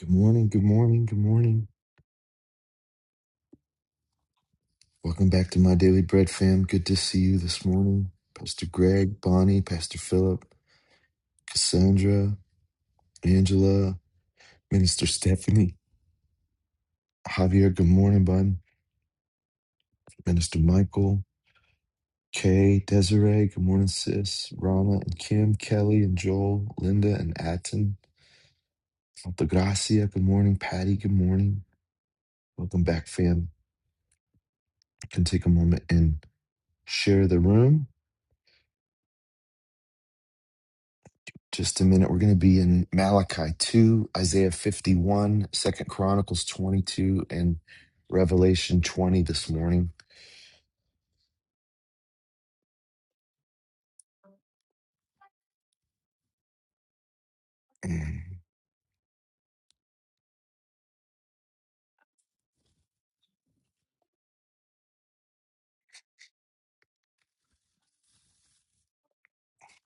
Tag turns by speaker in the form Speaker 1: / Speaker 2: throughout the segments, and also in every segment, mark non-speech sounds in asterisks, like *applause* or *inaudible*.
Speaker 1: Good morning, good morning, good morning. Welcome back to my Daily Bread fam. Good to see you this morning. Pastor Greg, Bonnie, Pastor Philip, Cassandra, Angela, Minister Stephanie, Javier, good morning, bud. Minister Michael, Kay, Desiree, good morning, sis. Rama and Kim, Kelly and Joel, Linda and Atten, Altagracia, good morning. Patty, good morning. Welcome back, fam. You can take a moment and share the room. just a minute. We're going to be in Malachi 2, Isaiah 51, Second Chronicles 22, and Revelation 20 this morning. Mm,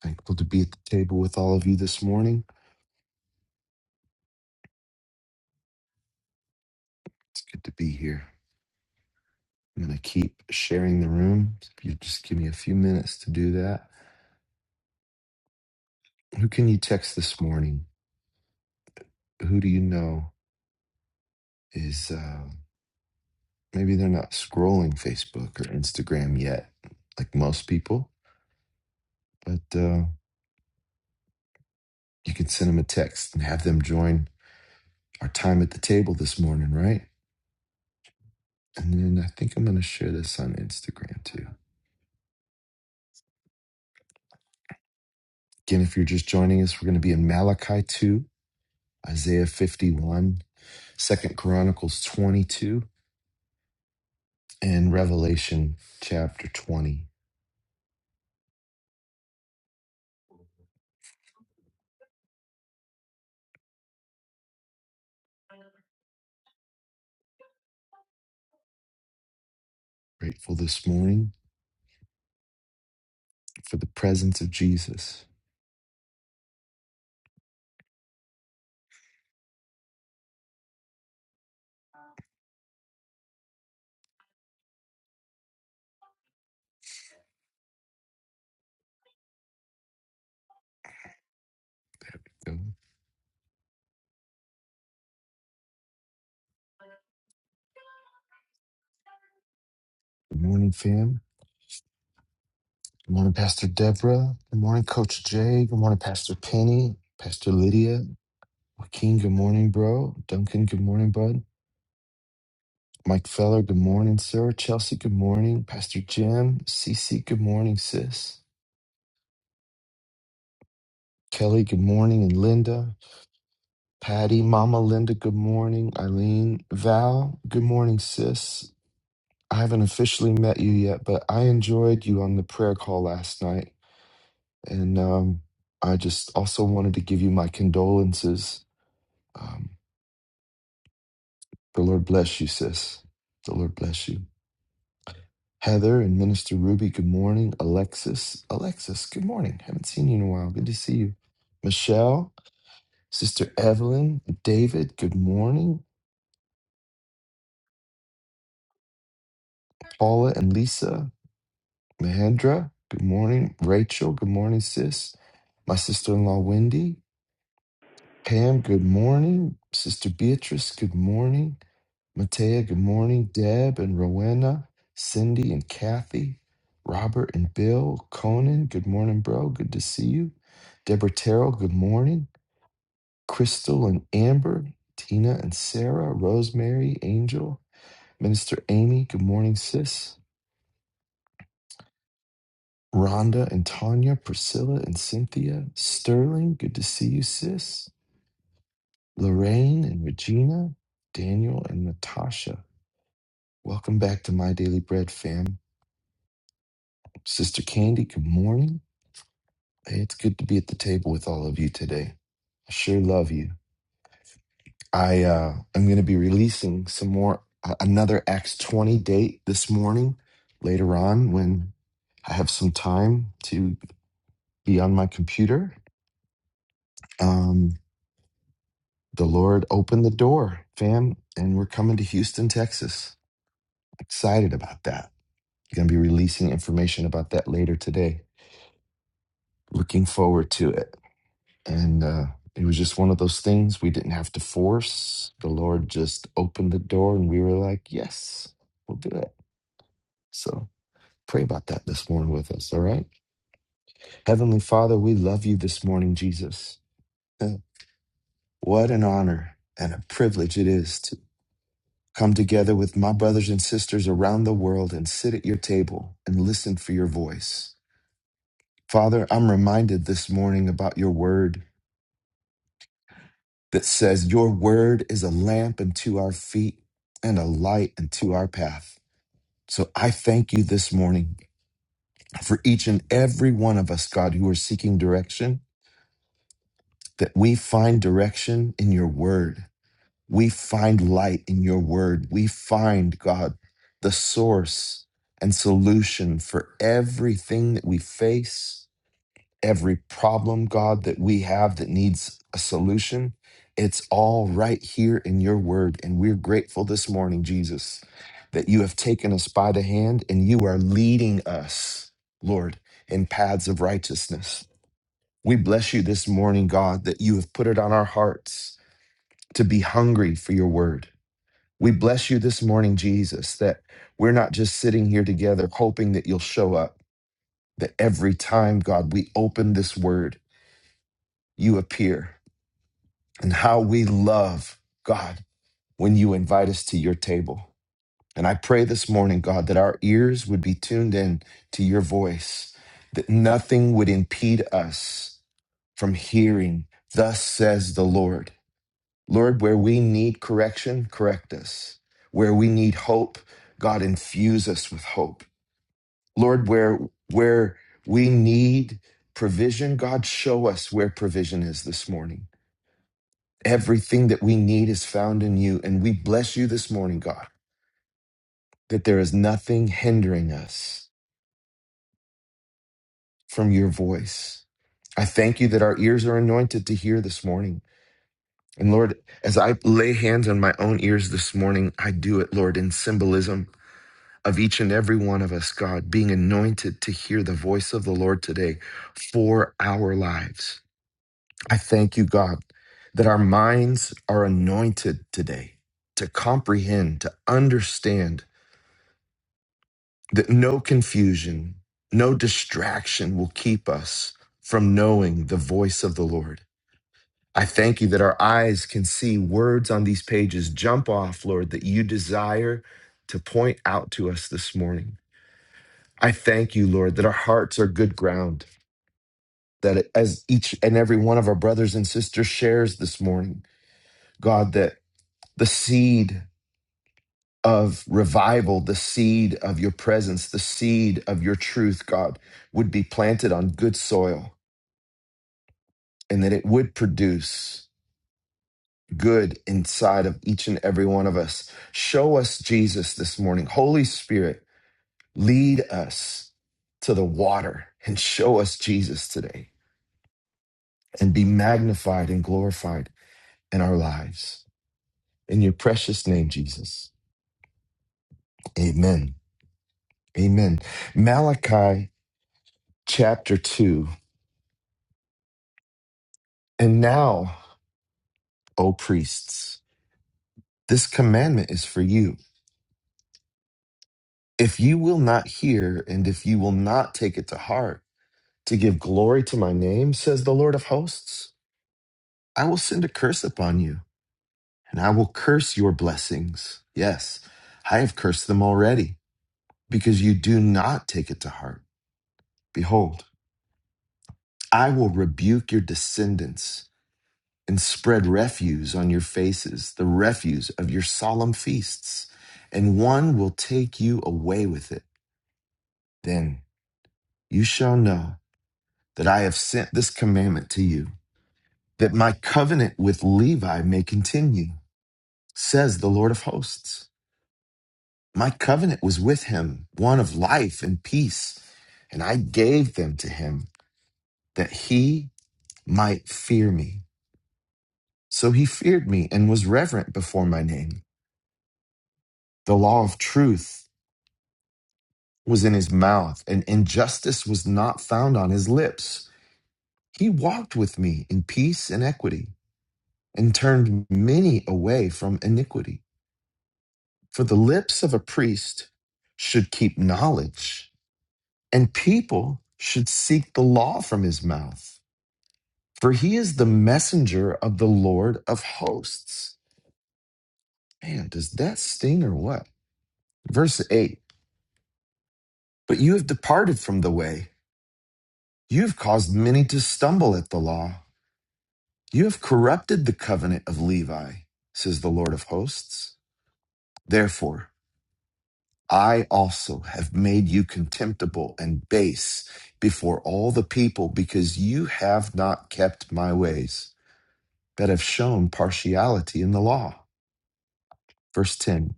Speaker 1: Thankful to be at the table with all of you this morning. It's good to be here. I'm going to keep sharing the room. If you just give me a few minutes to do that. Who can you text this morning? Who do you know is uh, maybe they're not scrolling Facebook or Instagram yet, like most people, but uh, you can send them a text and have them join our time at the table this morning, right? And then I think I'm going to share this on Instagram too. Again, if you're just joining us, we're going to be in Malachi 2, Isaiah 51, Second Chronicles 22, and Revelation chapter 20. Grateful this morning for the presence of Jesus. So, Good morning, fam. Good morning, Pastor Deborah. Good morning, Coach Jay. Good morning, Pastor Penny, Pastor Lydia. Joaquin, good morning, bro. Duncan, good morning, bud. Mike Feller, good morning, sir. Chelsea, good morning. Pastor Jim, Cece, good morning, sis. Kelly, good morning. And Linda, Patty, Mama Linda, good morning. Eileen, Val, good morning, sis. I haven't officially met you yet, but I enjoyed you on the prayer call last night. And um, I just also wanted to give you my condolences. Um, the Lord bless you, sis. The Lord bless you. Heather and Minister Ruby, good morning. Alexis, Alexis, good morning. Haven't seen you in a while. Good to see you. Michelle, Sister Evelyn, David, good morning. Paula and Lisa, Mahendra, good morning. Rachel, good morning, sis. My sister in law, Wendy. Pam, good morning. Sister Beatrice, good morning. Matea, good morning. Deb and Rowena, Cindy and Kathy, Robert and Bill, Conan, good morning, bro. Good to see you. Deborah Terrell, good morning. Crystal and Amber, Tina and Sarah, Rosemary, Angel, Minister Amy, good morning, sis. Rhonda and Tanya, Priscilla and Cynthia, Sterling, good to see you, sis. Lorraine and Regina, Daniel and Natasha. Welcome back to My Daily Bread, fam. Sister Candy, good morning. It's good to be at the table with all of you today. I sure love you. I uh, am going to be releasing some more, uh, another Acts 20 date this morning, later on when I have some time to be on my computer. Um, the Lord opened the door, fam, and we're coming to Houston, Texas. Excited about that. Going to be releasing information about that later today. Looking forward to it. And uh, it was just one of those things we didn't have to force. The Lord just opened the door and we were like, yes, we'll do it. So pray about that this morning with us. All right. Heavenly Father, we love you this morning, Jesus. Uh, What an honor and a privilege it is to come together with my brothers and sisters around the world and sit at your table and listen for your voice. Father, I'm reminded this morning about your word that says, Your word is a lamp unto our feet and a light unto our path. So I thank you this morning for each and every one of us, God, who are seeking direction, that we find direction in your word. We find light in your word. We find, God, the source and solution for everything that we face every problem, God, that we have that needs a solution. It's all right here in your word. And we're grateful this morning, Jesus, that you have taken us by the hand and you are leading us, Lord, in paths of righteousness. We bless you this morning, God, that you have put it on our hearts to be hungry for your word. We bless you this morning, Jesus, that we're not just sitting here together hoping that you'll show up, that every time, God, we open this word, you appear and how we love God when you invite us to your table. And I pray this morning, God, that our ears would be tuned in to your voice, that nothing would impede us from hearing, thus says the Lord. Lord, where we need correction, correct us. Where we need hope, God, infuse us with hope. Lord, where, where we need provision, God, show us where provision is this morning. Everything that we need is found in you. And we bless you this morning, God, that there is nothing hindering us from your voice. I thank you that our ears are anointed to hear this morning. And Lord, as I lay hands on my own ears this morning, I do it, Lord, in symbolism of each and every one of us, God, being anointed to hear the voice of the Lord today for our lives. I thank you, God, that our minds are anointed today to comprehend, to understand that no confusion, no distraction will keep us from knowing the voice of the Lord. I thank you that our eyes can see words on these pages jump off, Lord, that you desire to point out to us this morning. I thank you, Lord, that our hearts are good ground, that as each and every one of our brothers and sisters shares this morning, God, that the seed of revival, the seed of your presence, the seed of your truth, God, would be planted on good soil and that it would produce good inside of each and every one of us. Show us Jesus this morning. Holy Spirit, lead us to the water and show us Jesus today and be magnified and glorified in our lives. In your precious name, Jesus. Amen. Amen. Malachi chapter 2. And now, O priests, this commandment is for you. If you will not hear, and if you will not take it to heart, to give glory to my name, says the Lord of hosts, I will send a curse upon you, and I will curse your blessings. Yes, I have cursed them already, because you do not take it to heart. Behold, I will rebuke your descendants and spread refuse on your faces, the refuse of your solemn feasts, and one will take you away with it. Then. you shall know that I have sent this commandment to you, that my covenant with Levi may continue, says the Lord of hosts. My covenant was with him, one of life and peace, and I gave them to him that he might fear me. So he feared me and was reverent before my name. The law of truth was in his mouth, and injustice was not found on his lips. He walked with me in peace and equity and turned many away from iniquity. For the lips of a priest should keep knowledge, and people should seek the law from his mouth. For he is the messenger of the Lord of hosts. Man, does that sting or what? Verse 8 But you have departed from the way, you have caused many to stumble at the law, you have corrupted the covenant of Levi, says the Lord of hosts. Therefore, I also have made you contemptible and base before all the people because you have not kept my ways, but have shown partiality in the law. Verse 10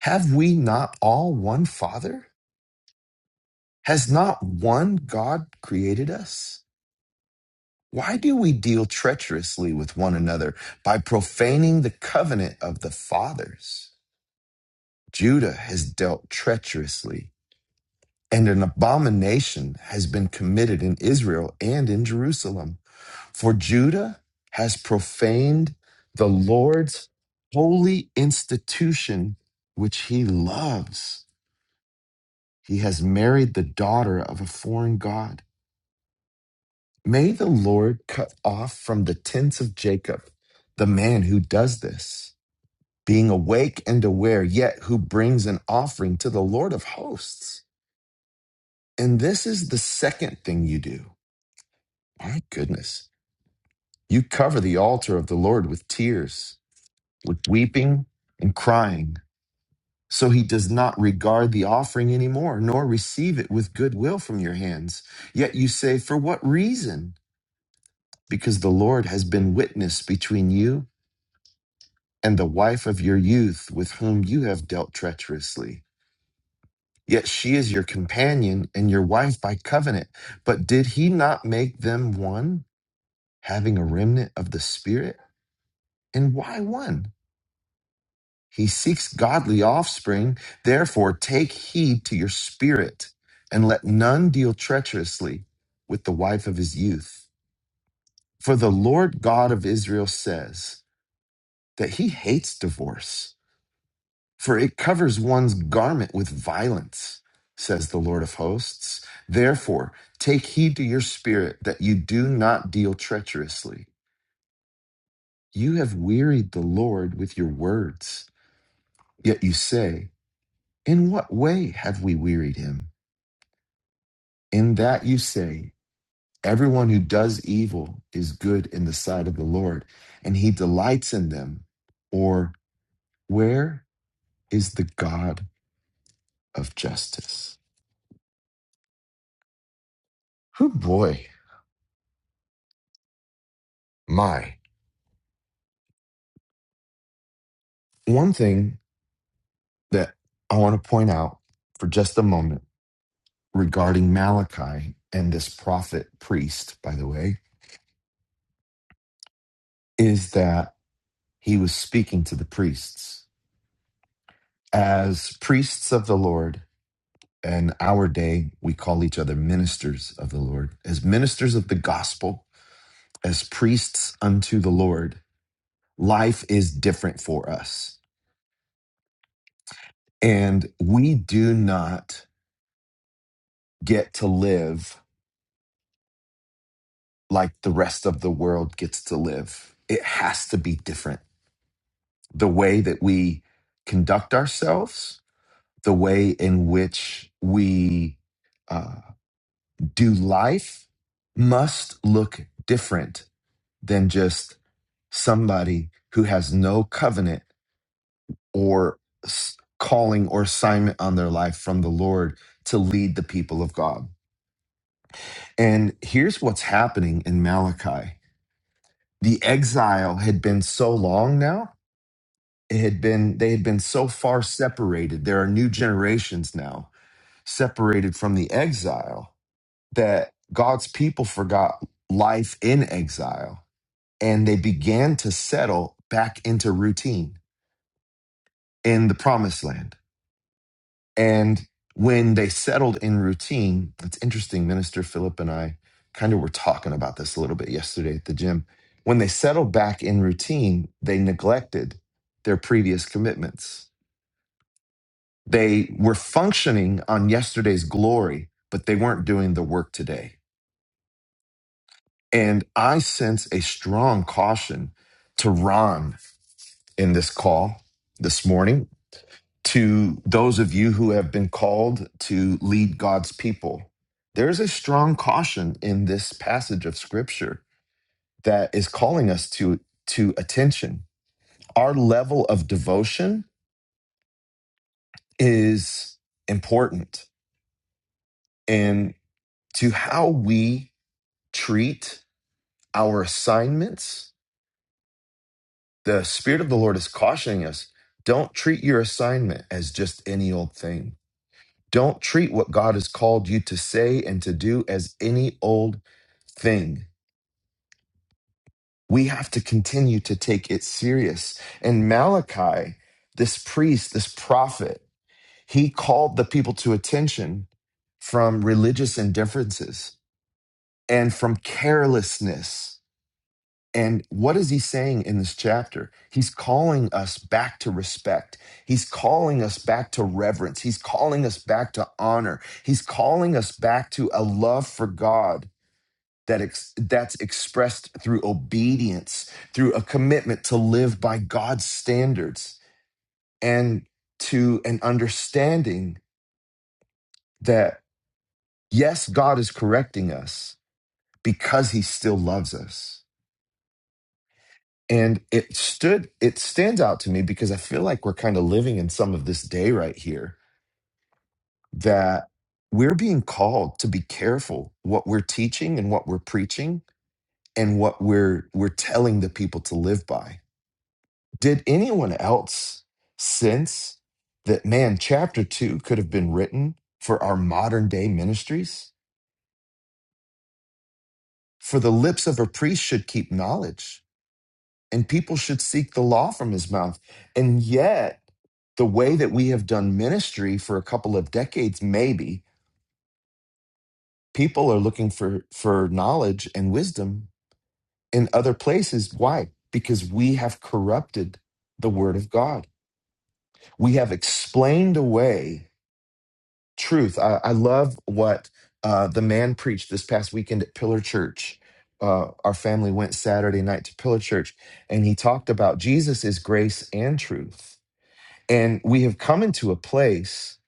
Speaker 1: Have we not all one Father? Has not one God created us? Why do we deal treacherously with one another by profaning the covenant of the fathers? Judah has dealt treacherously and an abomination has been committed in Israel and in Jerusalem. For Judah has profaned the Lord's holy institution, which he loves. He has married the daughter of a foreign God. May the Lord cut off from the tents of Jacob the man who does this, being awake and aware, yet who brings an offering to the Lord of hosts. And this is the second thing you do. My goodness You cover the altar of the Lord with tears, with weeping and crying. So he does not regard the offering anymore, nor receive it with goodwill from your hands. Yet you say, For what reason? Because the Lord has been witness between you and the wife of your youth, with whom you have dealt treacherously. Yet she is your companion and your wife by covenant. But did he not make them one, having a remnant of the Spirit? And why one? He seeks godly offspring. Therefore, take heed to your spirit, and let none deal treacherously with the wife of his youth. For the Lord God of Israel says that he hates divorce, for it covers one's garment with violence, says the Lord of hosts. Therefore, take heed to your spirit that you do not deal treacherously. You have wearied the Lord with your words, yet you say, In what way have we wearied him? In that you say, Everyone who does evil is good in the sight of the Lord, and he delights in them. Or, Where is the God of justice? Oh boy, my. One thing that I want to point out for just a moment regarding Malachi and this prophet priest, by the way, is that he was speaking to the priests. As priests of the Lord, in our day, we call each other ministers of the Lord. As ministers of the gospel, as priests unto the Lord, life is different for us. And we do not get to live like the rest of the world gets to live. It has to be different. The way that we conduct ourselves, the way in which we uh, do life must look different than just somebody who has no covenant or s- calling or assignment on their life from the Lord to lead the people of God. And here's what's happening in Malachi. The exile had been so long now. It had been they had been so far separated. There are new generations now separated from the exile that God's people forgot life in exile and they began to settle back into routine in the promised land And when they settled in routine, it's interesting, Minister Philip and I kind of were talking about this a little bit yesterday at the gym. When they settled back in routine, they neglected their previous commitments. They were functioning on yesterday's glory, but they weren't doing the work today. And I sense a strong caution to Ron in this call this morning to those of you who have been called to lead God's people. There is a strong caution in this passage of scripture that is calling us to, to attention. Our level of devotion is important and to how we treat our assignments. The Spirit of the Lord is cautioning us don't treat your assignment as just any old thing Don't treat what God has called you to say and to do as any old thing. We have to continue to take it serious. And Malachi, this priest, this prophet, he called the people to attention from religious indifferences and from carelessness. And what is he saying in this chapter? He's calling us back to respect. He's calling us back to reverence. He's calling us back to honor. He's calling us back to a love for God that ex- that's expressed through obedience, through a commitment to live by God's standards and to an understanding that yes, God is correcting us because he still loves us and it stood it stands out to me because i feel like we're kind of living in some of this day right here that we're being called to be careful what we're teaching and what we're preaching and what we're we're telling the people to live by did anyone else sense that man chapter 2 could have been written for our modern day ministries for the lips of a priest should keep knowledge and people should seek the law from his mouth. And yet, the way that we have done ministry for a couple of decades, maybe people are looking for for knowledge and wisdom in other places. Why? Because we have corrupted the word of God. We have explained away truth. I, I love what uh, the man preached this past weekend at Pillar Church. Uh, our family went Saturday night to Pillar Church, and he talked about Jesus is grace and truth And we have come into a place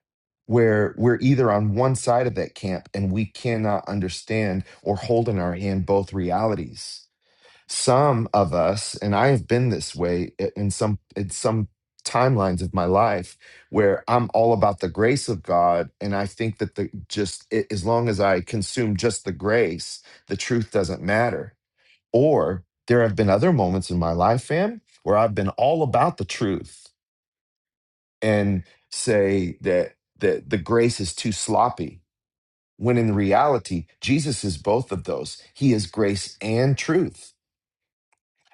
Speaker 1: where we're either on one side of that camp and we cannot understand or hold in our hand both realities. Some of us, and I have been this way i- in some in some timelines of my life where I'm all about the grace of God and I think that the just i- as long as I consume just the grace, the truth doesn't matter. Or there have been other moments in my life, fam, where I've been all about the truth and say that that the grace is too sloppy when in reality Jesus is both of those he is grace and truth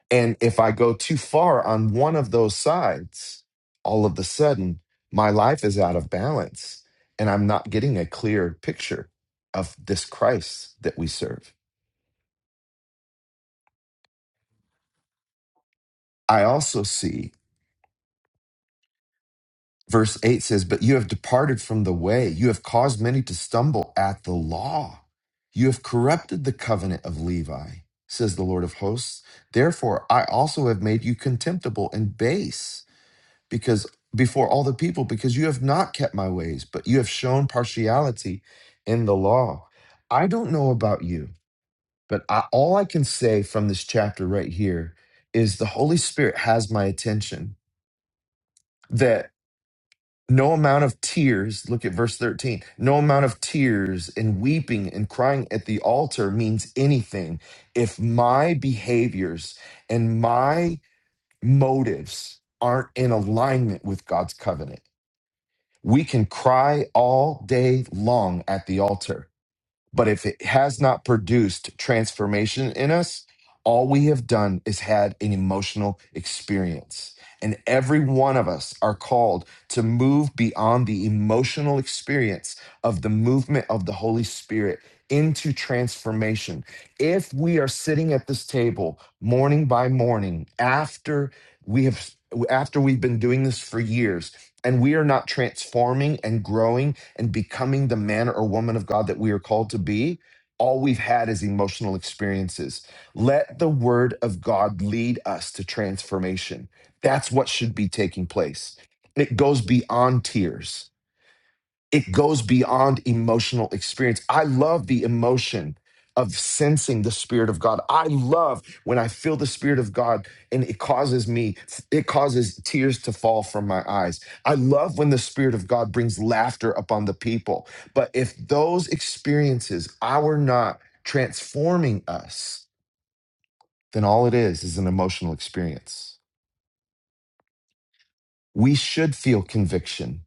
Speaker 1: and if i go too far on one of those sides all of a sudden my life is out of balance and i'm not getting a clear picture of this Christ that we serve i also see Verse 8 says, But you have departed from the way. You have caused many to stumble at the law. You have corrupted the covenant of Levi, says the Lord of hosts. Therefore, I also have made you contemptible and base because before all the people, because you have not kept my ways, but you have shown partiality in the law. I don't know about you, but I, all I can say from this chapter right here is the Holy Spirit has my attention that. No amount of tears, look at verse 13. No amount of tears and weeping and crying at the altar means anything if my behaviors and my motives aren't in alignment with God's covenant. We can cry all day long at the altar but if it has not produced transformation in us, all we have done is had an emotional experience. And every one of us are called to move beyond the emotional experience of the movement of the Holy Spirit into transformation. If we are sitting at this table morning by morning after we have after we've been doing this for years and we are not transforming and growing and becoming the man or woman of God that we are called to be, all we've had is emotional experiences. Let the word of God lead us to transformation. That's what should be taking place. It goes beyond tears it goes beyond emotional experience. I love the emotion of sensing the spirit of God. I love when I feel the spirit of God and it causes me it causes tears to fall from my eyes. I love when the spirit of God brings laughter upon the people. But if those experiences are not transforming us, then all it is is an emotional experience. We should feel conviction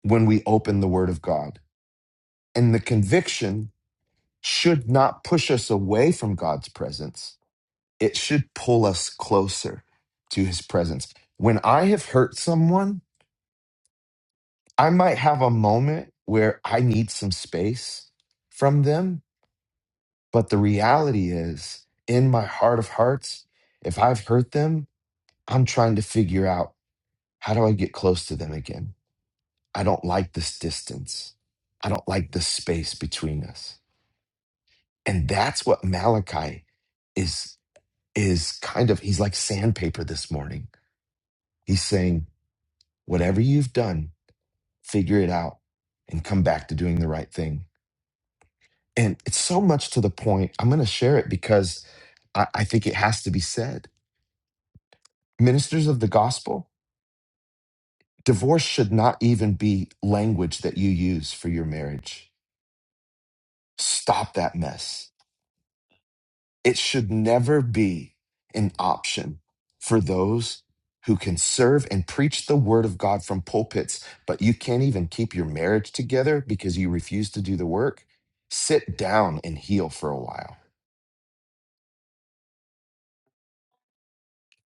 Speaker 1: when we open the word of God. And the conviction should not push us away from God's presence. It should pull us closer to his presence. When I have hurt someone, I might have a moment where I need some space from them. But the reality is, in my heart of hearts, if I've hurt them, I'm trying to figure out how do I get close to them again? I don't like this distance. I don't like the space between us. And that's what Malachi is is kind of he's like sandpaper this morning. He's saying, whatever you've done, figure it out and come back to doing the right thing. And it's so much to the point. I'm going to share it because I, I think it has to be said. Ministers of the gospel, divorce should not even be language that you use for your marriage. Stop that mess It should never be an option for those who can serve and preach the word of God from pulpits, but you can't even keep your marriage together because you refuse to do the work. Sit down and heal for a while.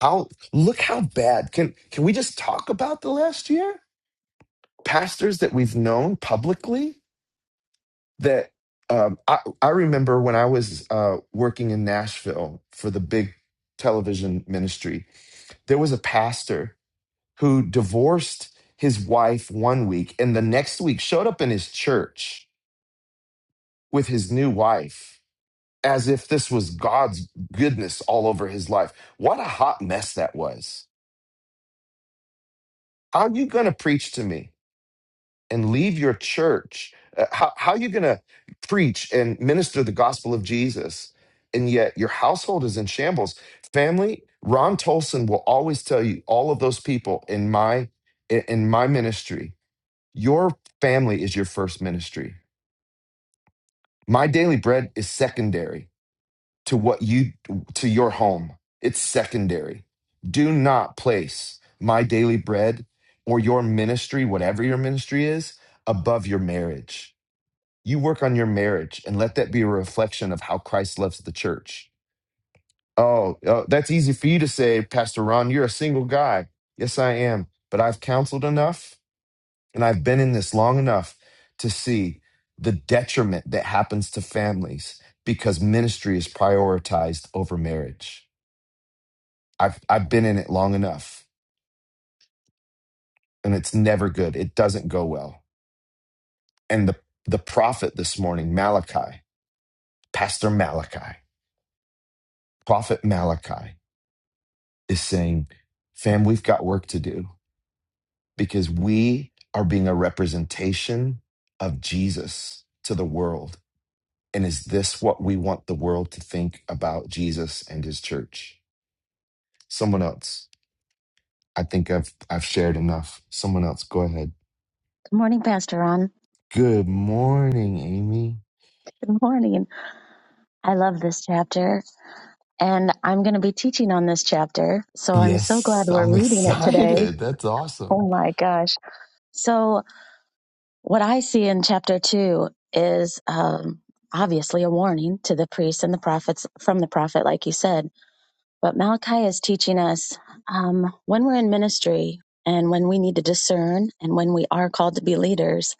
Speaker 1: How look how bad. Can can we just talk about the last year? Pastors that we've known publicly that um, I, I remember when I was uh, working in Nashville for the big television ministry, there was a pastor who divorced his wife one week and the next week showed up in his church with his new wife as if this was God's goodness all over his life. What a hot mess that was. How are you going to preach to me and leave your church? Uh, how, how are you going to preach and minister the gospel of Jesus? And yet your household is in shambles. Family, Ron Tolson will always tell you all of those people in my in in my ministry Your family is your first ministry. My daily bread is secondary to what you to your home. It's secondary. Do not place my daily bread or your ministry, whatever your ministry is, above your marriage. You work on your marriage and let that be a reflection of how Christ loves the church. Oh, oh, that's easy for you to say, Pastor Ron, you're a single guy. Yes, I am, but I've counseled enough. And I've been in this long enough to see the detriment that happens to families because ministry is prioritized over marriage. I've I've been in it long enough and it's never good. It doesn't go well. And the the prophet this morning, Malachi, Pastor Malachi, Prophet Malachi is saying, "Fam, we've got work to do because we are being a representation of Jesus to the world And is this what we want the world to think about Jesus and his church? Someone else. I think I've I've shared enough. Someone else, go ahead.
Speaker 2: Good morning, Pastor Ron.
Speaker 1: Good morning, Amy.
Speaker 2: Good morning. I love this chapter, and I'm going to be teaching on this chapter. So I'm so glad
Speaker 1: Yes,
Speaker 2: we're
Speaker 1: I'm *laughs*
Speaker 2: reading it today.
Speaker 1: excited. That's
Speaker 2: Oh
Speaker 1: awesome.
Speaker 2: my gosh. So, what I see in chapter two is um, obviously a warning to the priests and the prophets from the prophet, like you said. But Malachi is teaching us um, when we're in ministry and when we need to discern and when we are called to be leaders,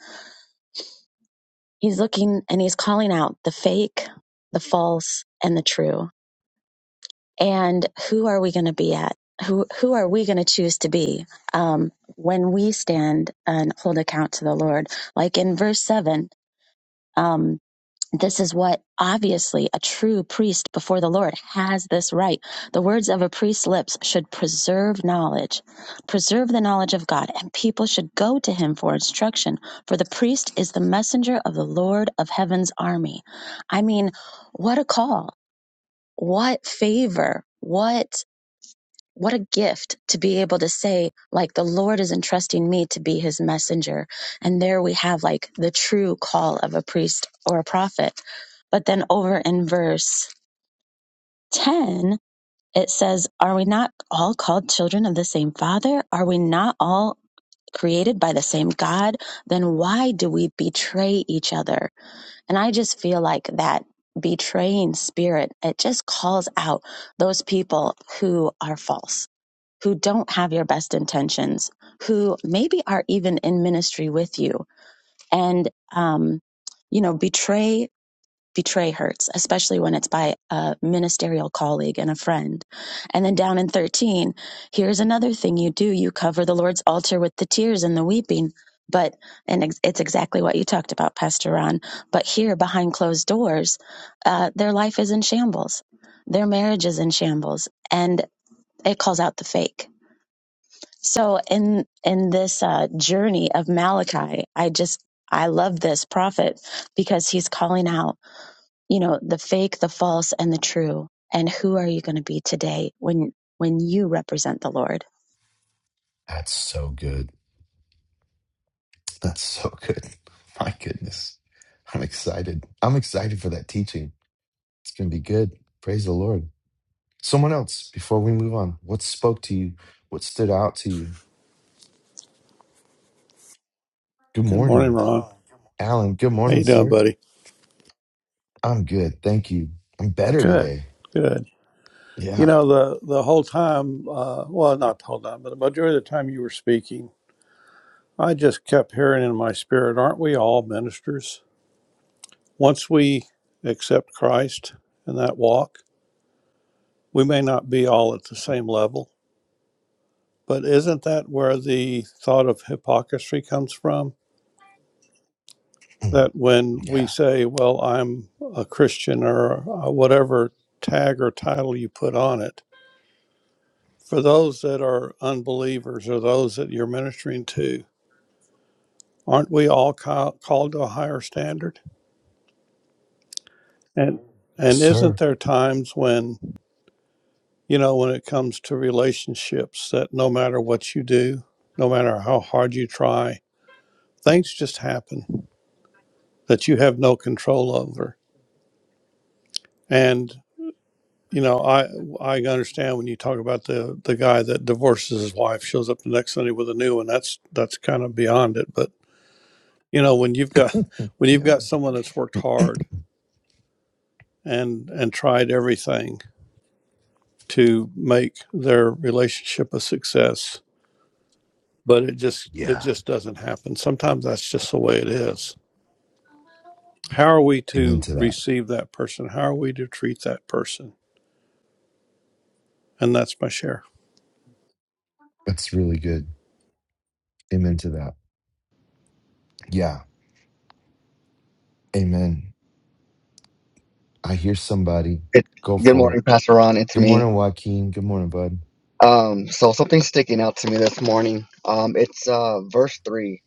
Speaker 2: he's looking and he's calling out the fake, the false, and the true and who are we going to be at who who are we going to choose to be um, when we stand and hold account to the lord like in verse 7 um, this is what obviously a true priest before the lord has this right the words of a priest's lips should preserve knowledge preserve the knowledge of god and people should go to him for instruction for the priest is the messenger of the lord of heaven's army i mean what a call what favor what what a gift to be able to say like the lord is entrusting me to be his messenger and there we have like the true call of a priest or a prophet but then over in verse 10 it says are we not all called children of the same father are we not all created by the same god then why do we betray each other and i just feel like that betraying spirit it just calls out those people who are false who don't have your best intentions, who maybe are even in ministry with you, and um, you know betray betray hurts, especially when it's by a ministerial colleague and a friend. And then down in thirteen, here's another thing you do: you cover the Lord's altar with the tears and the weeping. But and it's exactly what you talked about, Pastor Ron. But here, behind closed doors, uh, their life is in shambles, their marriage is in shambles, and it calls out the fake so in in this uh, journey of Malachi, I just I love this prophet because he's calling out, you know, the fake, the false, and the true. And who are you going to be today when when you represent the Lord?
Speaker 1: That's so good. That's so good. My goodness. I'm excited. I'm excited for that teaching. It's going to be good. Praise the Lord. Someone else, before we move on, what spoke to you? What stood out to you? Good
Speaker 3: Good morning,
Speaker 1: morning,
Speaker 3: Ron.
Speaker 1: Alan. Good
Speaker 3: How
Speaker 1: morning,
Speaker 3: you doing,
Speaker 1: sir.
Speaker 3: buddy?
Speaker 1: I'm good. Thank you. I'm better
Speaker 3: Good,
Speaker 1: today.
Speaker 3: good. You
Speaker 1: Yeah.
Speaker 3: know the the whole time, uh, well, not the whole time, but the majority of the time you were speaking, I just kept hearing in my spirit, "Aren't we all ministers? Once we accept Christ in that walk, we may not be all at the same level, but isn't that where the thought of hypocrisy comes from?
Speaker 1: Mm,
Speaker 3: That when we
Speaker 1: Yeah.
Speaker 3: say, "Well, I'm a Christian," or uh, whatever tag or title you put on it for those that are unbelievers or those that you're ministering to aren't we all ca- called to a higher standard and
Speaker 1: Yes,
Speaker 3: and isn't
Speaker 1: sir.
Speaker 3: there times when you know when it comes to relationships that no matter what you do no matter how hard you try things just happen that you have no control over and you know i i understand when you talk about the the guy that divorces his wife shows up the next sunday with a new one that's that's kind of beyond it but you know when you've got when you've
Speaker 1: Yeah.
Speaker 3: got someone that's worked hard and and tried everything to make their relationship a success but it just it
Speaker 1: Yeah.
Speaker 3: just doesn't happen sometimes that's just the way it is how are we
Speaker 1: Amen
Speaker 3: to
Speaker 1: to that.
Speaker 3: receive that person how are we to treat that person and that's my share
Speaker 1: That's really good. Amen to that. Yeah. Amen. I hear somebody.
Speaker 4: Good,
Speaker 1: Go
Speaker 4: good
Speaker 1: for it.
Speaker 4: morning, Pastor Ron. It's
Speaker 1: Good
Speaker 4: me.
Speaker 1: morning, Joaquin. Good morning, bud.
Speaker 4: Um, so something's sticking out to me this morning. Um, it's uh, verse three.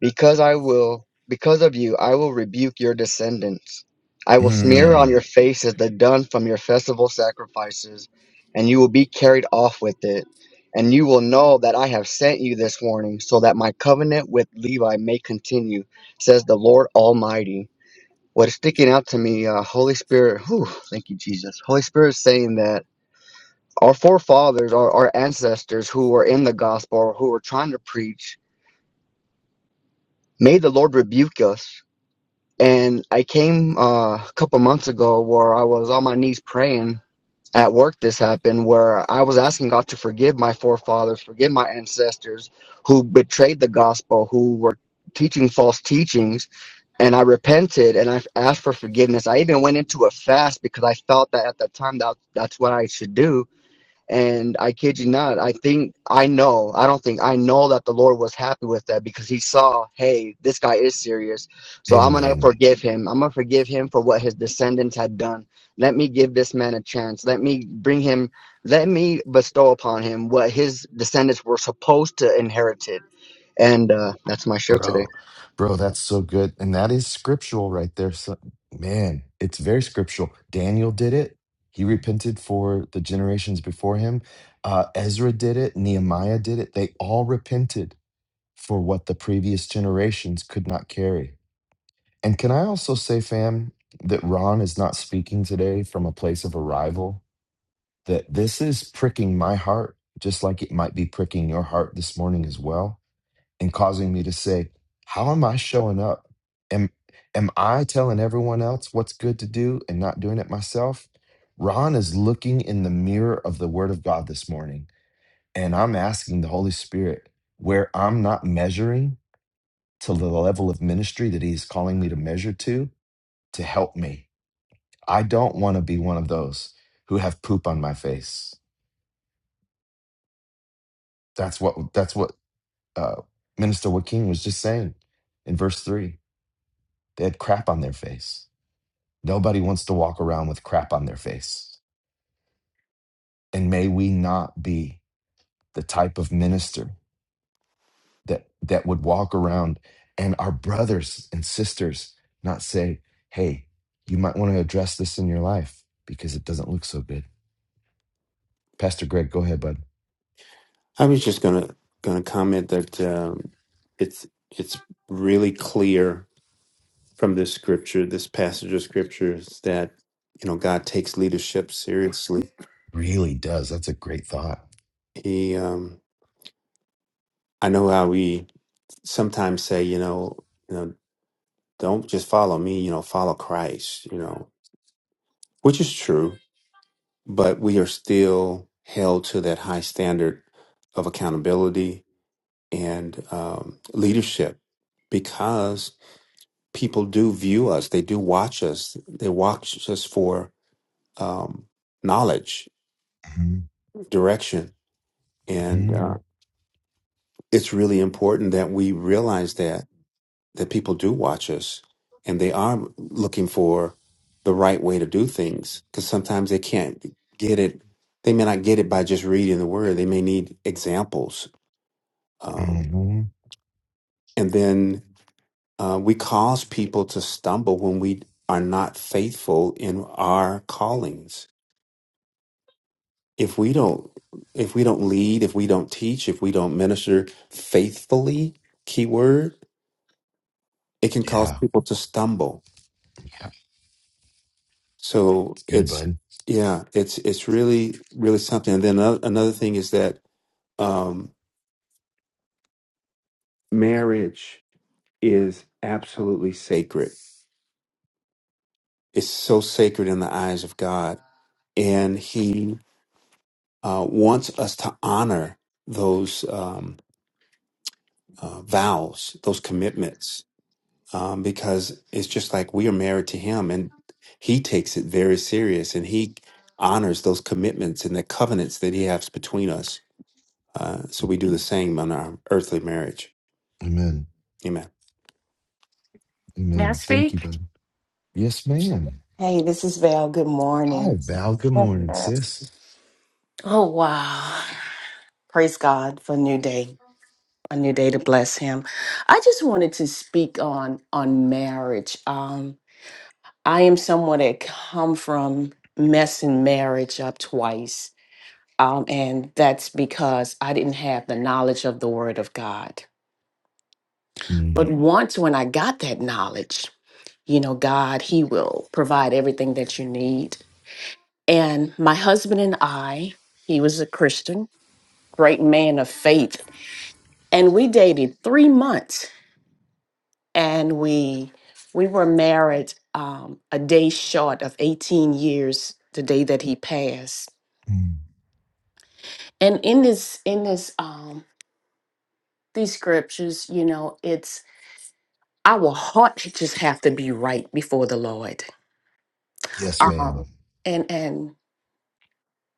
Speaker 4: Because I will, because of you, I will rebuke your descendants. I will smear Mm. on
Speaker 1: Mm.
Speaker 4: your faces the dung from your festival sacrifices, and you will be carried off with it. And you will know that I have sent you this warning, so that my covenant with Levi may continue, says the Lord Almighty. What is sticking out to me, uh, Holy Spirit, whew, thank you, Jesus. Holy Spirit is saying that our forefathers, our, our ancestors who were in the gospel or who were trying to preach, made the Lord rebuke us. And I came uh, a couple months ago where I was on my knees praying at work. This happened where I was asking God to forgive my forefathers, forgive my ancestors who betrayed the gospel, who were teaching false teachings. And I repented and I asked for forgiveness. I even went into a fast because I felt that at that time that that's what I should do And I kid you not, I think I know, I don't think I know that the Lord was happy with that because he saw, hey, this guy is serious. So I'm going to
Speaker 1: Amen.
Speaker 4: forgive him. I'm going to forgive him for what his descendants had done. Let me give this man a chance. Let me bring him, let me bestow upon him what his descendants were supposed to inherit. it. And uh, that's my show today.
Speaker 1: Bro, bro, that's so good. And that is scriptural right there. So, man, it's very scriptural. Daniel did it. He repented for the generations before him. Uh, Ezra did it. Nehemiah did it. They all repented for what the previous generations could not carry. And can I also say, fam, that Ron is not speaking today from a place of arrival, that this is pricking my heart, just like it might be pricking your heart this morning as well and causing me to say, how am I showing up? Am am I telling everyone else what's good to do and not doing it myself? Ron is looking in the mirror of the word of God this morning, and I'm asking the Holy Spirit where I'm not measuring to the level of ministry that he's calling me to measure to to help me. I don't want to be one of those who have poop on my face. That's what that's what uh, Minister Joaquin was just saying in verse 3. They had crap on their face Nobody wants to walk around with crap on their face. And may we not be the type of minister that, that would walk around and our brothers and sisters not say, hey, you might want to address this in your life because it doesn't look so good. Pastor Greg, go ahead, bud.
Speaker 5: I was just gonna gonna comment that um, it's it's really clear from this scripture, this passage of scriptures, that you know God takes leadership seriously.
Speaker 1: Really does. That's a great thought.
Speaker 5: He, um, I know how we sometimes say, you know, you know, don't just follow me, you know, follow Christ, you know, which is true, but we are still held to that high standard of accountability and um, leadership because people do view us they do watch us they watch us for um, knowledge
Speaker 1: Mhm.
Speaker 5: direction and
Speaker 1: Mhm.
Speaker 5: uh, it's really important that we realize that that people do watch us and they are looking for the right way to do things because sometimes they can't get it they may not get it by just reading the word they may need examples um,
Speaker 1: Mhm.
Speaker 5: and then uh, we cause people to stumble when we are not faithful in our callings if we don't if we don't lead if we don't teach if we don't minister faithfully keyword it can cause
Speaker 1: Yeah.
Speaker 5: people to stumble
Speaker 1: Yeah,
Speaker 5: so
Speaker 1: It's good,
Speaker 5: it's
Speaker 1: bud.
Speaker 5: yeah it's it's really really something and then another, another thing is that um marriage is absolutely sacred it's so sacred in the eyes of god and he uh, wants us to honor those um, uh, vows those commitments um, because it's just like we are married to him and he takes it very serious and he honors those commitments and the covenants that he has between us. Uh, so we do the same on our earthly marriage.
Speaker 1: Amen.
Speaker 5: Amen.
Speaker 6: May I
Speaker 1: Amen. Thank you,
Speaker 6: speak?
Speaker 1: bud. Yes, ma'am.
Speaker 6: Hey, this is Val. Good
Speaker 1: Hi,
Speaker 6: morning.
Speaker 1: Val. Good morning,
Speaker 6: Yes.
Speaker 1: sis.
Speaker 6: Oh, wow. Praise God for a new day, a new day to bless him. I just wanted to speak on on marriage. Um, I am someone that come from messing marriage up twice. Um, and that's because I didn't have the knowledge of the word of God.
Speaker 1: Mm,
Speaker 6: But once when I got that knowledge, you know, God, He will provide everything that you need. And my husband and I, he was a Christian, great man of faith. And we dated three months and we we were married um, a day short of 18 years the day that he passed.
Speaker 1: mm.
Speaker 6: And in this in this um these scriptures, you know, it's our heart just have to be right before the Lord.
Speaker 1: Yes, ma'am.
Speaker 6: Um and and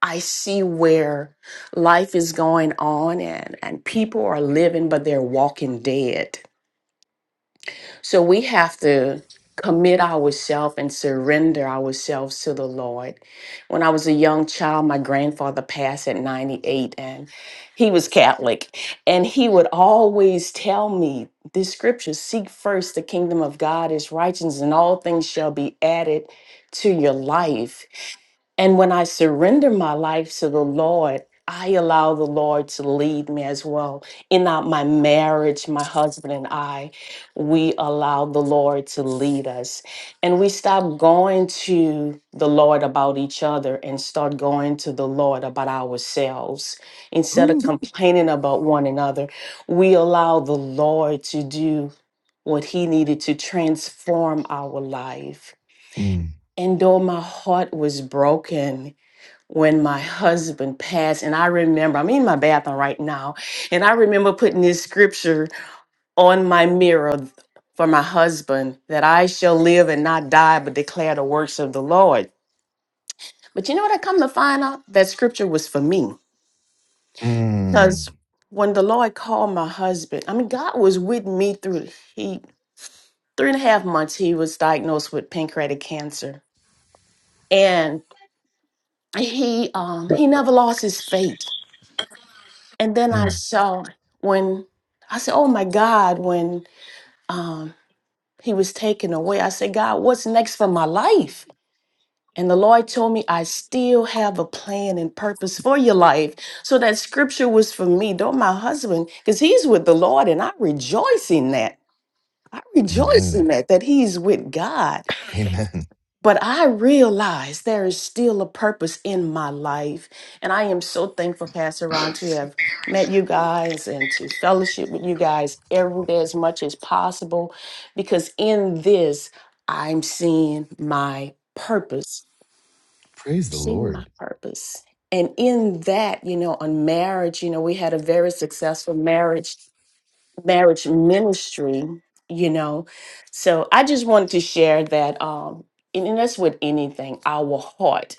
Speaker 6: I see where life is going on and, and people are living, but they're walking dead. So we have to commit ourselves and surrender ourselves to the Lord. When I was a young child, my grandfather passed at 98 and he was Catholic. And he would always tell me this scripture seek first the kingdom of God, his righteousness, and all things shall be added to your life. And when I surrender my life to the Lord, I allow the Lord to lead me as well. In our- my marriage, my husband and I, we allow the Lord to lead us. And we stop going to the Lord about each other and start going to the Lord about ourselves. Instead of
Speaker 1: Ooh.
Speaker 6: complaining about one another, we allow the Lord to do what he needed to transform our life.
Speaker 1: Mm,
Speaker 6: And though my heart was broken, when my husband passed and i remember i'm in my bathroom right now and i remember putting this scripture on my mirror for my husband that i shall live and not die but declare the works of the lord but you know what i come to find out that scripture was for me
Speaker 1: mm,
Speaker 6: because when the lord called my husband i mean god was with me through the heat. three and a half months he was diagnosed with pancreatic cancer and he um
Speaker 7: Oh.
Speaker 6: he never lost his faith And then I
Speaker 1: mm.
Speaker 6: saw when I said, "Oh my God!" When um, he was taken away, I said, "God, what's next for my life?" And the Lord told me, "I still have a plan and purpose for your life." So that scripture was for me, not my husband, because he's with the Lord, and I rejoice in that. I rejoice in
Speaker 1: Amen.
Speaker 6: that that he's with God.
Speaker 1: Amen.
Speaker 6: But I realize there is still a purpose in my life. And I am so thankful, Pastor Ron, to have met you guys and to fellowship with you guys every day as much as possible. Because in this, I'm seeing my purpose.
Speaker 1: *laughs* Praise the
Speaker 6: Seeing my
Speaker 1: Lord.
Speaker 6: purpose. And in that, you know, on marriage, you know, we had a very successful marriage marriage ministry you know so i just wanted to share that um and, and that's with anything our heart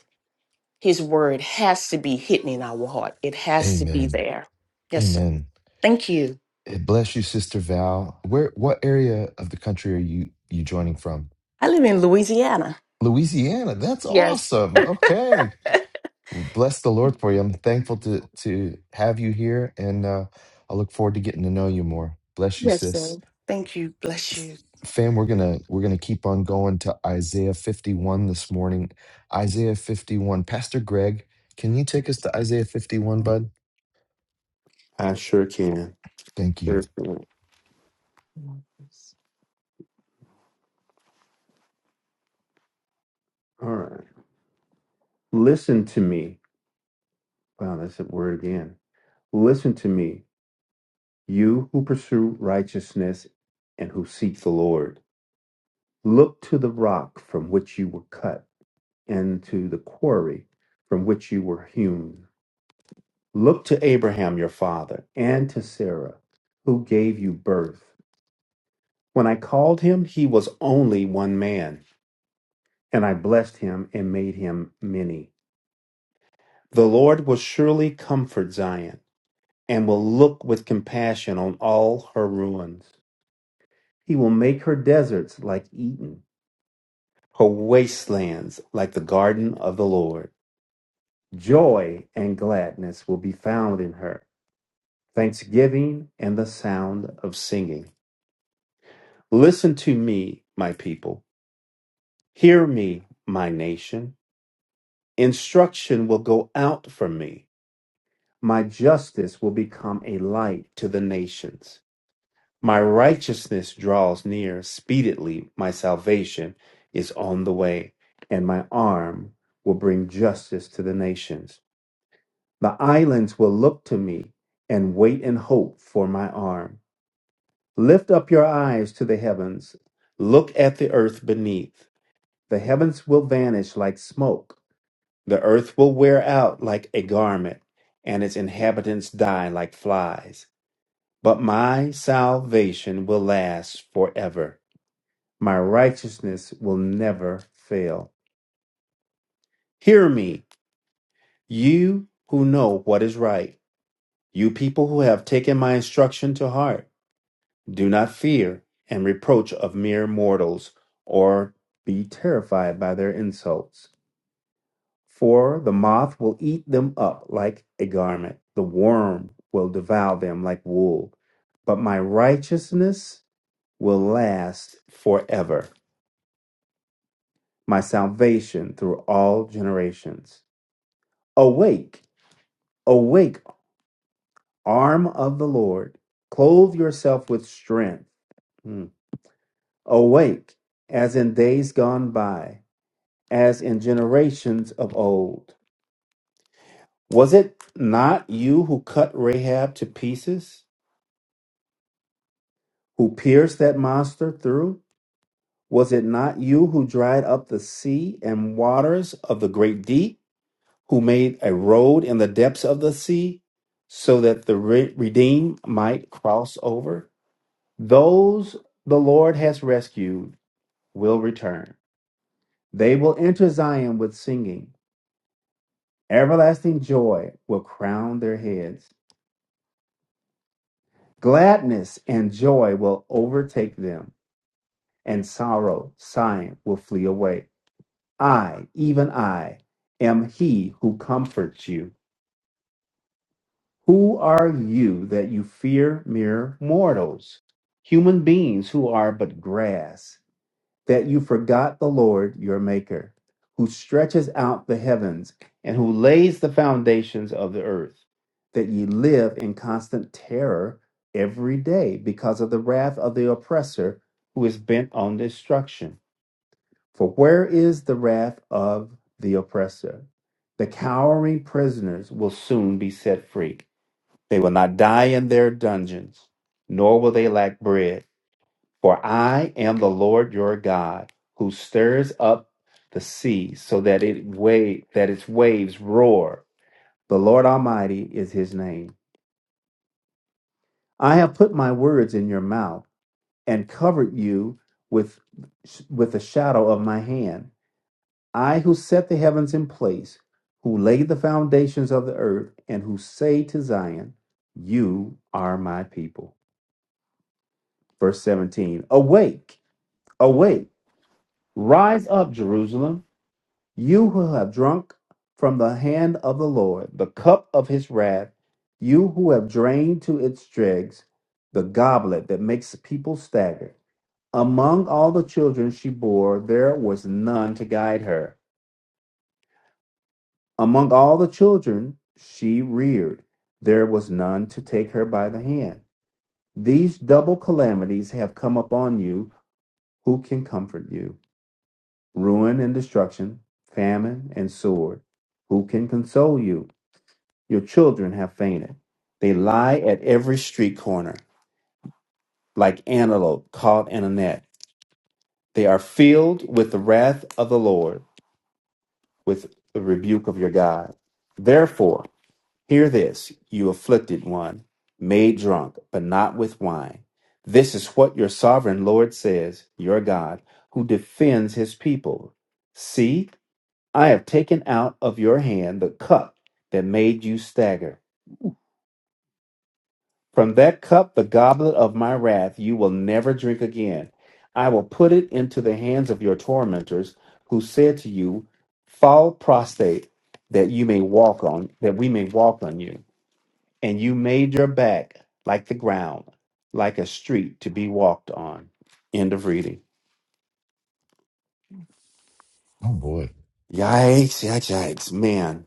Speaker 6: his word has to be hidden in our heart it has to be
Speaker 1: Amen.
Speaker 6: there yes sir
Speaker 1: Amen.
Speaker 6: thank you
Speaker 1: Eh, Bless you, Sister Val. Where? What area of the country are you you joining from?
Speaker 6: i live in louisiana
Speaker 1: Louisiana. That's
Speaker 6: yes
Speaker 1: awesome. Okay. Well, bless the Lord for you. I'm thankful to to have you here, and uh, I look forward to getting to know you more. Bless you,
Speaker 6: yes sir
Speaker 1: sis.
Speaker 6: thank you bless
Speaker 1: F-
Speaker 6: you
Speaker 1: Fam, we're gonna we're gonna keep on going to Isaiah 51 this morning. Isaiah 51. Pastor Greg, can you take us to Isaiah 51, bud?
Speaker 5: I sure can.
Speaker 1: Thank you.
Speaker 5: Sure can. All right. Listen to me. Wow, that's that word again. Listen to me, you who pursue righteousness and who seek the Lord. Look to the rock from which you were cut and to the quarry from which you were hewn. Look to Abraham your father and to Sarah, who gave you birth. When I called him, he was only one man, and I blessed him and made him many. The Lord will surely comfort Zion and will look with compassion on all her ruins. He will make her deserts like Eden, her wastelands like the garden of the Lord. Joy and gladness will be found in her, thanksgiving and the sound of singing. Listen to me, my people. Hear me, my nation. Instruction will go out from me. My justice will become a light to the nations. My righteousness draws near speedily. My salvation is on the way, and my arm will bring justice to the nations. The islands will look to me and wait in hope for my arm. Lift up your eyes to the heavens. Look at the earth beneath. The heavens will vanish like smoke, the earth will wear out like a garment, and its inhabitants die like flies. But my salvation will last forever, my righteousness will never fail. Hear me, you who know what is right, you people who have taken my instruction to heart. Do not fear and reproach of mere mortals, or be terrified by their insults. For the moth will eat them up like a garment, the worm will devour them like wool. But my righteousness will last forever, my salvation through all generations. Awake, awake, arm of the Lord, clothe yourself with strength. Hmm. Awake, as in days gone by, as in generations of old. Was it not you who cut Rahab to pieces? who pierced that monster through? Was it not you who dried up the sea and waters of the great deep, who made a road in the depths of the sea, so that the re- redeemed might cross over? Those the Lord has rescued will return. They will enter Zion with singing. Everlasting joy will crown their heads. Gladness and joy will overtake them, and sorrow, sighing will flee away. I, even I, am he who comforts you. Who are you that you fear mere mortals, human beings who are but grass, that you forgot the Lord your Maker, who stretches out the heavens and who lays the foundations of the earth, that ye live in constant terror every day because of the wrath of the oppressor who is bent on destruction? For where is the wrath of the oppressor? The cowering prisoners will soon be set free. They will not die in their dungeons, nor will they lack bread. For I am the Lord your God, who stirs up the sea so that it wave, that its waves roar. The Lord Almighty is his name. I have put my words in your mouth and covered you with, with the shadow of my hand. I who set the heavens in place, who laid the foundations of the earth, and who say to Zion, You are my people. Verse 17 Awake, awake, rise up, Jerusalem, you who have drunk from the hand of the Lord the cup of his wrath, you who have drained to its dregs the goblet that makes people stagger. Among all the children she bore, there was none to guide her Among all the children she reared, there was none to take her by the hand. These double calamities have come upon you. Who can comfort you? Ruin and destruction, famine and sword. Who can console you? Your children have fainted. They lie at every street corner, like antelope caught in a net. They are filled with the wrath of the Lord, with the rebuke of your God. Therefore, Hear this, you afflicted one, made drunk, but not with wine. This is what your sovereign Lord says, your God, who defends his people. See, I have taken out of your hand the cup that made you stagger. From that cup, the goblet of my wrath, you will never drink again. I will put it into the hands of your tormentors, who said to you, Fall prostrate, that you may walk on, that we may walk on you. and you made your back like the ground, like a street to be walked on. End of reading.
Speaker 1: Oh boy.
Speaker 5: Yikes, yikes, yikes. Man,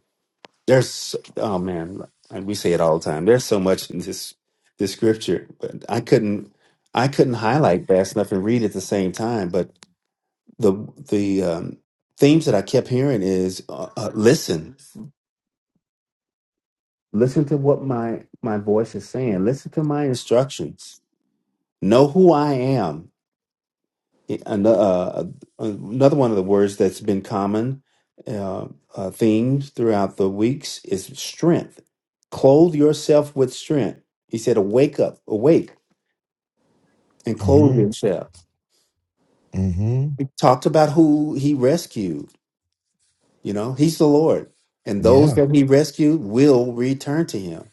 Speaker 5: there's, oh man, and we say it all the time. There's so much in this, this scripture, but I couldn't, I couldn't highlight fast enough and read at the same time. But the, the, um, themes that I kept hearing is uh, uh, listen, listen to what my, my voice is saying. Listen to my instructions. Know who I am And, uh, uh, another one of the words that's been common uh, uh, themes throughout the weeks is strength. Clothe yourself with strength. He said, "Awake up, awake, and clothe
Speaker 1: Mm-hmm.
Speaker 5: yourself."
Speaker 1: Mm-hmm.
Speaker 5: He talked about who he rescued. You know, he's the Lord, and those
Speaker 1: Yeah.
Speaker 5: that he rescued will return to him.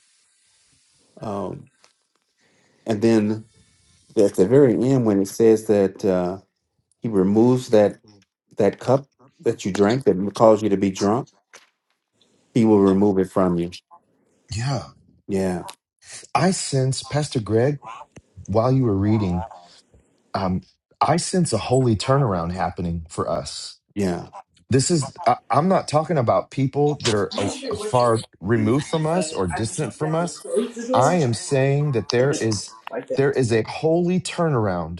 Speaker 5: Um, and then at the very end, when it says that uh, he removes that that cup that you drank that caused you to be drunk, he will remove it from you
Speaker 1: Yeah.
Speaker 5: Yeah,
Speaker 1: I sense, Pastor Greg, while you were reading, um, I sense a holy turnaround happening for us
Speaker 5: yeah.
Speaker 1: this is I, i'm not talking about people that are
Speaker 3: I'm
Speaker 1: uh,
Speaker 3: not sure what you were
Speaker 1: far
Speaker 3: saying,
Speaker 1: removed from us
Speaker 3: but
Speaker 1: or
Speaker 3: I just
Speaker 1: distant
Speaker 3: went
Speaker 1: from
Speaker 3: down to
Speaker 1: us
Speaker 3: close the
Speaker 1: i am
Speaker 3: door,
Speaker 1: saying that
Speaker 3: and
Speaker 1: there
Speaker 3: it was
Speaker 1: is
Speaker 3: like.
Speaker 1: there is a holy turnaround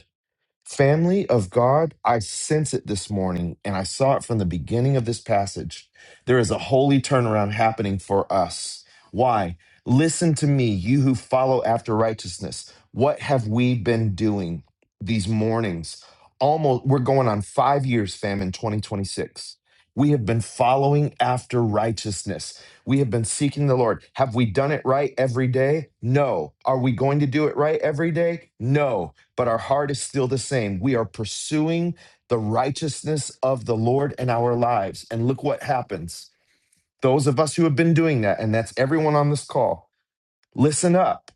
Speaker 1: Family of God, I sense it this morning, and I saw it from the beginning of this passage. There is a holy turnaround happening for us. Why? Listen to me, you who follow after righteousness. What have we been doing these mornings? Almost, we're going on five years, fam, in 2026. We have been following after righteousness. We have been seeking the Lord. Have we done it right every day? No. Are we going to do it right every day? No but our heart is still the same. We are pursuing the righteousness of the Lord in our lives. And look what happens. Those of us who have been doing that, and that's everyone on this call, listen up.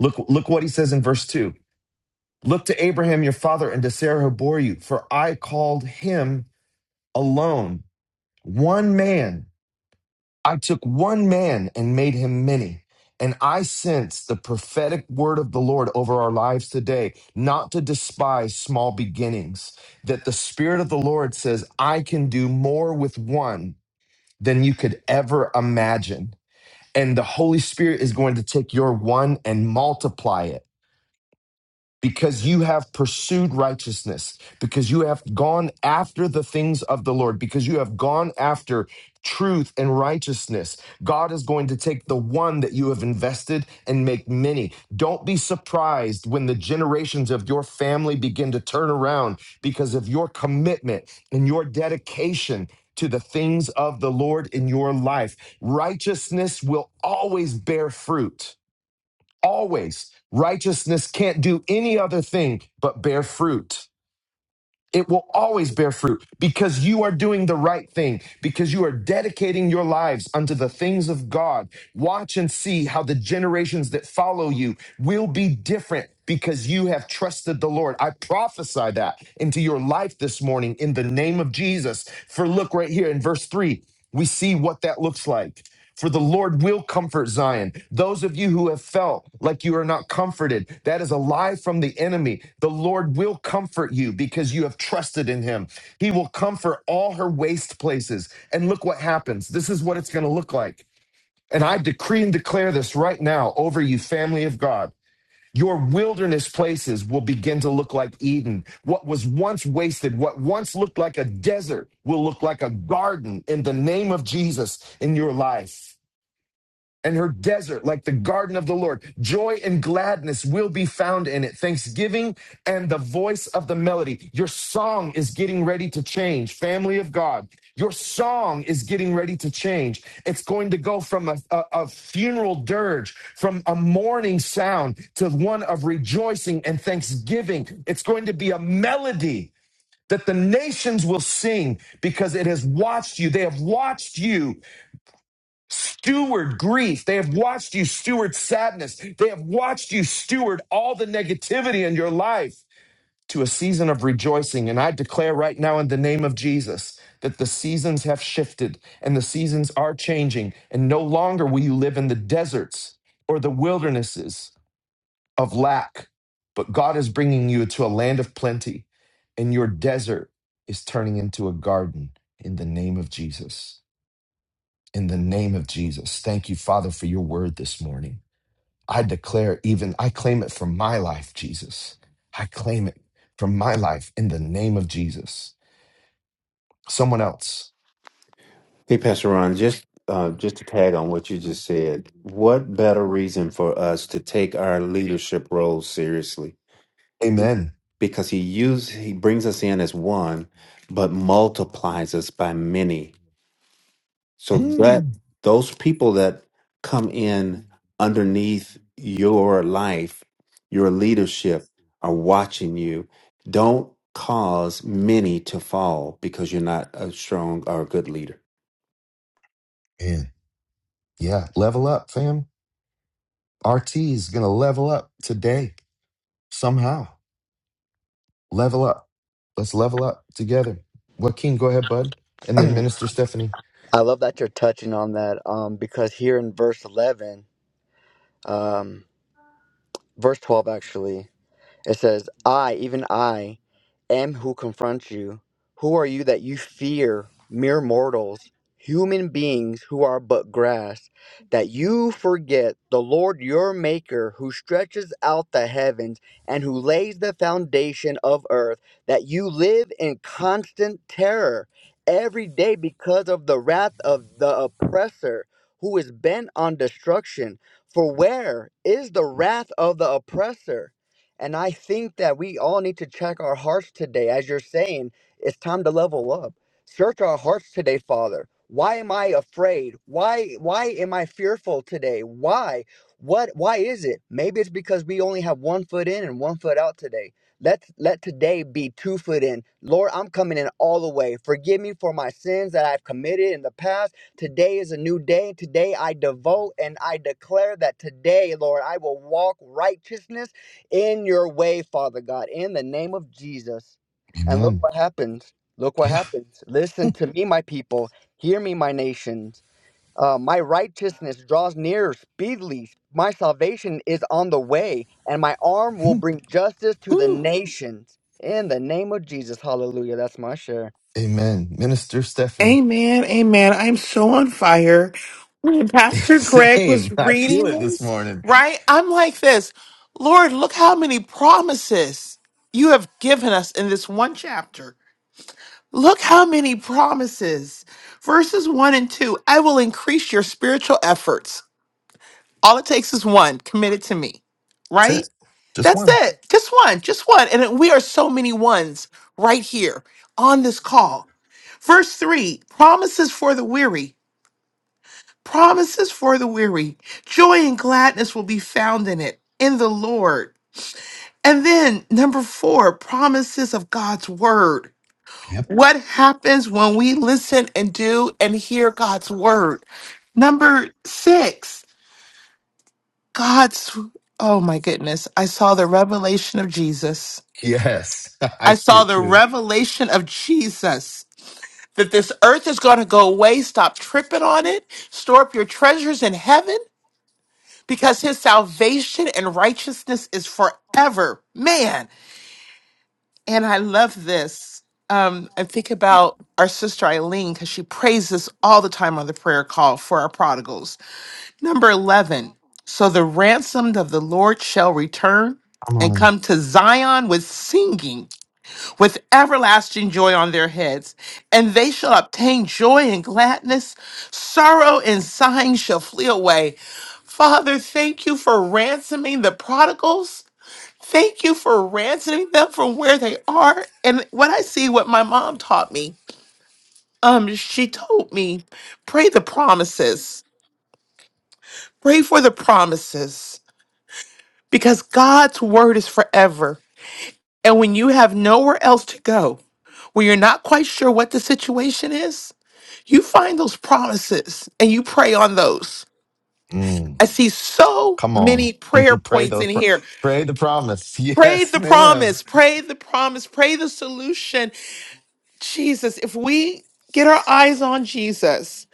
Speaker 1: Look, look what he says in verse 2. Look to Abraham your father and to Sarah who bore you, for I called him alone, one man. I took one man and made him many. And I sense the prophetic word of the Lord over our lives today, not to despise small beginnings, that the Spirit of the Lord says, I can do more with one than you could ever imagine. And the Holy Spirit is going to take your one and multiply it because you have pursued righteousness, because you have gone after the things of the Lord, because you have gone after truth and righteousness. God is going to take the one that you have invested and make many. Don't be surprised when the generations of your family begin to turn around because of your commitment and your dedication. To the things of the Lord in your life. Righteousness will always bear fruit always. Righteousness can't do any other thing but bear fruit. It will always bear fruit because you are doing the right thing, because you are dedicating your lives unto the things of God. Watch and see how the generations that follow you will be different because you have trusted the Lord. I prophesy that into your life this morning in the name of Jesus. For look right here in verse three, we see what that looks like. For the Lord will comfort Zion. Those of you who have felt like you are not comforted, that is a lie from the enemy. The Lord will comfort you because you have trusted in him. He will comfort all her waste places. And look what happens. This is what it's going to look like. And I decree and declare this right now over you, family of God. Your wilderness places will begin to look like Eden. What was once wasted, what once looked like a desert, will look like a garden in the name of Jesus in your life and her desert like the garden of the Lord. Joy and gladness will be found in it. Thanksgiving and the voice of the melody. Your song is getting ready to change, family of God. Your song is getting ready to change. It's going to go from a, a, a funeral dirge, from a mourning sound to one of rejoicing and thanksgiving. It's going to be a melody that the nations will sing because it has watched you. They have watched you steward grief. They have watched you steward sadness. They have watched you steward all the negativity in your life to a season of rejoicing. And I declare right now in the name of Jesus that the seasons have shifted and the seasons are changing. And no longer will you live in the deserts or the wildernesses of lack, but God is bringing you to a land of plenty and your desert is turning into a garden in the name of Jesus in the name of Jesus. Thank you, Father, for your word this morning. I declare even, I claim it for my life, Jesus. I claim it for my life in the name of Jesus. Someone else.
Speaker 5: Hey, Pastor Ron, just uh, just to tag on what you just said, what better reason for us to take our leadership role seriously?
Speaker 1: Amen.
Speaker 5: Because he use he brings us in as one, but multiplies us by many. So that
Speaker 1: Mm.
Speaker 5: those people that come in underneath your life, your leadership, are watching you. Don't cause many to fall because you're not a strong or a good leader.
Speaker 1: Man, yeah, level up, fam. RT is going to level up today somehow. Level up. Let's level up together. Joaquin, go ahead, bud. And then Minister Stephanie.
Speaker 4: I love that you're touching on that um, because here in verse 11, um, verse 12 actually. It says, I, even I, am who confronts you. Who are you that you fear, mere mortals, human beings who are but grass, that you forget the Lord your Maker, who stretches out the heavens and who lays the foundation of earth, that you live in constant terror every day because of the wrath of the oppressor who is bent on destruction? For where is the wrath of the oppressor? And I think that we all need to check our hearts today. As you're saying, it's time to level up. Search our hearts today, Father. Why am I afraid? Why why am I fearful today? Why? What why is it? Maybe it's because we only have one foot in and one foot out today. Let let today be two foot in. Lord, I'm coming in all the way. Forgive me for my sins that I've committed in the past. Today is a new day. Today I devote and I declare that today, Lord, I will walk righteousness in your way, Father God, in the name of Jesus. And look
Speaker 1: Amen.
Speaker 4: what happens. Look what
Speaker 1: Yeah.
Speaker 4: happens. Listen to me, my people. Hear me, my nations. Uh, my righteousness draws near speedily. My salvation is on the way, and my arm will
Speaker 1: Hmm.
Speaker 4: bring justice to the
Speaker 1: Woo.
Speaker 4: nations. In the name of Jesus. Hallelujah. That's my share.
Speaker 1: Amen. Minister Stephanie.
Speaker 8: Amen, amen. I'm so on fire. When
Speaker 1: *laughs*
Speaker 8: Pastor Greg was
Speaker 1: Same. I feel
Speaker 8: reading
Speaker 1: it this
Speaker 8: this,
Speaker 1: morning.
Speaker 8: right? I'm like this Lord, look how many promises you have given us in this one chapter. Look how many promises. Verses one and two I will increase your spiritual efforts. All it takes is one committed to me,
Speaker 1: That's
Speaker 8: right?
Speaker 1: it. Just
Speaker 8: That's
Speaker 1: one.
Speaker 8: it. Just one, just one. And we are so many ones right here on this call. Verse three promises for the weary. Promises for the weary. Joy and gladness will be found in it, in the Lord. And then, number four, promises of God's word.
Speaker 1: Yep.
Speaker 8: What happens when we listen and do and hear God's word? Number six, God's, oh my goodness, I saw the revelation of Jesus.
Speaker 1: Yes. *laughs* I
Speaker 8: I
Speaker 1: see
Speaker 8: saw
Speaker 1: it
Speaker 8: the
Speaker 1: too.
Speaker 8: revelation of Jesus that this earth is going to go away. Stop tripping on it. Store up your treasures in heaven. because his salvation and righteousness is forever. Man, and I love this. Um, I think about our sister Eileen because she prays this all the time on the prayer call for our prodigals. Number 11 So the ransomed of the Lord shall return and
Speaker 1: Come
Speaker 8: come to Zion with singing with everlasting joy on their heads, and they shall obtain joy and gladness. Sorrow and sighing shall flee away. Father, thank you for ransoming the prodigals. Thank you for ransoming them from where they are. And when I see what my mom taught me, um, she told me, pray the promises. Pray for the promises. Because God's word is forever. And when you have nowhere else to go, when you're not quite sure what the situation is, you find those promises and you pray on those.
Speaker 1: on.
Speaker 8: I see so
Speaker 1: Come on.
Speaker 8: many
Speaker 1: *laughs*
Speaker 8: prayer
Speaker 1: pray
Speaker 8: points
Speaker 1: the
Speaker 8: in
Speaker 1: pr-
Speaker 8: here.
Speaker 1: pray the promise. *laughs*
Speaker 8: Pray
Speaker 1: Yes,
Speaker 8: the
Speaker 1: ma'am.
Speaker 8: promise, pray the promise, pray the solution. Jesus, if we get our eyes on Jesus,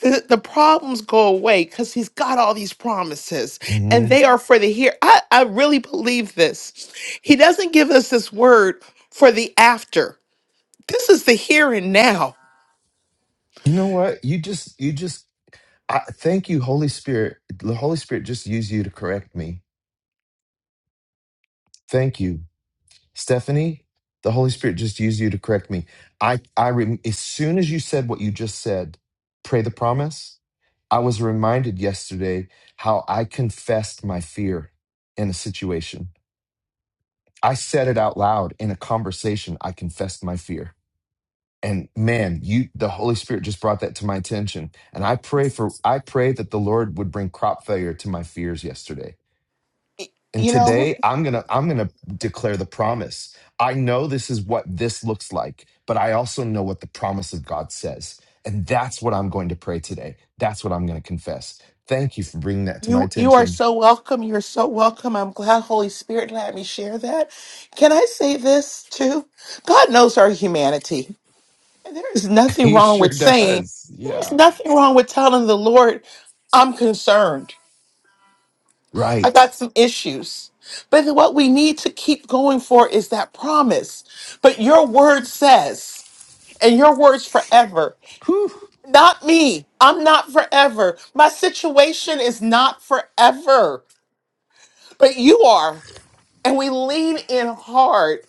Speaker 8: the, the problems go away because he's got all these promises and
Speaker 1: hmm
Speaker 8: they are for the here. I, I really believe this. He doesn't give us this word for the after. This is the here and now,
Speaker 1: You know what? You just you just I thank you, Holy Spirit. The Holy Spirit just used you to correct me. Thank you. Stephanie, the Holy Spirit just used you to correct me. I I rem as soon as you said what you just said, pray the promise, I was reminded yesterday how I confessed my fear in a situation. I said it out loud in a conversation. I confessed my fear. and man you the holy spirit just brought that to my attention and i pray for i pray that the lord would bring crop failure to my fears yesterday and
Speaker 8: you know?
Speaker 1: today i'm gonna i'm gonna declare the promise i know this is what this looks like but i also know what the promise of god says and that's what i'm going to pray today that's what i'm gonna confess thank you for bringing that to my
Speaker 8: You you are
Speaker 1: attention
Speaker 8: so welcome. You're so welcome. I'm glad Holy Spirit let me share that. Can I say this too? God knows our humanity. And there is
Speaker 1: *laughs*
Speaker 8: nothing
Speaker 1: he
Speaker 8: wrong
Speaker 1: sure
Speaker 8: with saying,
Speaker 1: does
Speaker 8: there's
Speaker 1: yeah
Speaker 8: nothing wrong with telling the Lord, I'm concerned. I
Speaker 1: right
Speaker 8: got some issues. But then what we need to keep going for is that promise. But your word says, and your words forever.
Speaker 1: Whew.
Speaker 8: Not me. I'm not forever. My situation is not forever. But you are. and we lean in hard.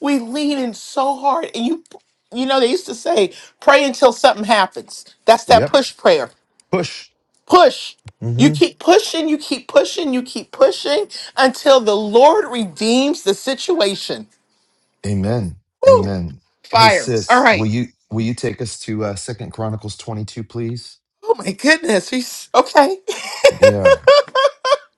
Speaker 8: We lean in so hard, and you you know they used to say, "Pray until something happens." That's that
Speaker 1: yep
Speaker 8: push prayer.
Speaker 1: push
Speaker 8: Push.
Speaker 1: Mm-hmm.
Speaker 8: You keep pushing, you keep pushing, you keep pushing until the Lord redeems the situation.
Speaker 1: Amen.
Speaker 8: Woo!
Speaker 1: Amen. Hey
Speaker 8: Fire. All
Speaker 1: sis, will
Speaker 8: right.
Speaker 1: you will you take us to uh Second Chronicles 22 please?
Speaker 8: Oh my goodness. He's okay.
Speaker 1: Yeah.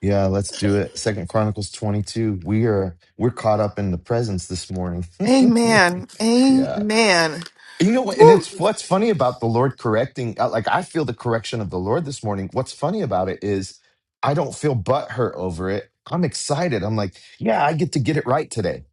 Speaker 1: Yeah, let's do it. Second Chronicles 22. We are we're caught up in the presence this morning.
Speaker 8: *laughs*
Speaker 1: *laughs*
Speaker 8: Amen.
Speaker 1: yeah.
Speaker 8: Amen.
Speaker 1: You know what and
Speaker 8: Woo.
Speaker 1: it's what's funny about the Lord correcting uh, like I feel the correction of the Lord this morning. What's funny about it is I don't feel butthurt over it. I'm excited. I'm like, yeah, I get to get it right today.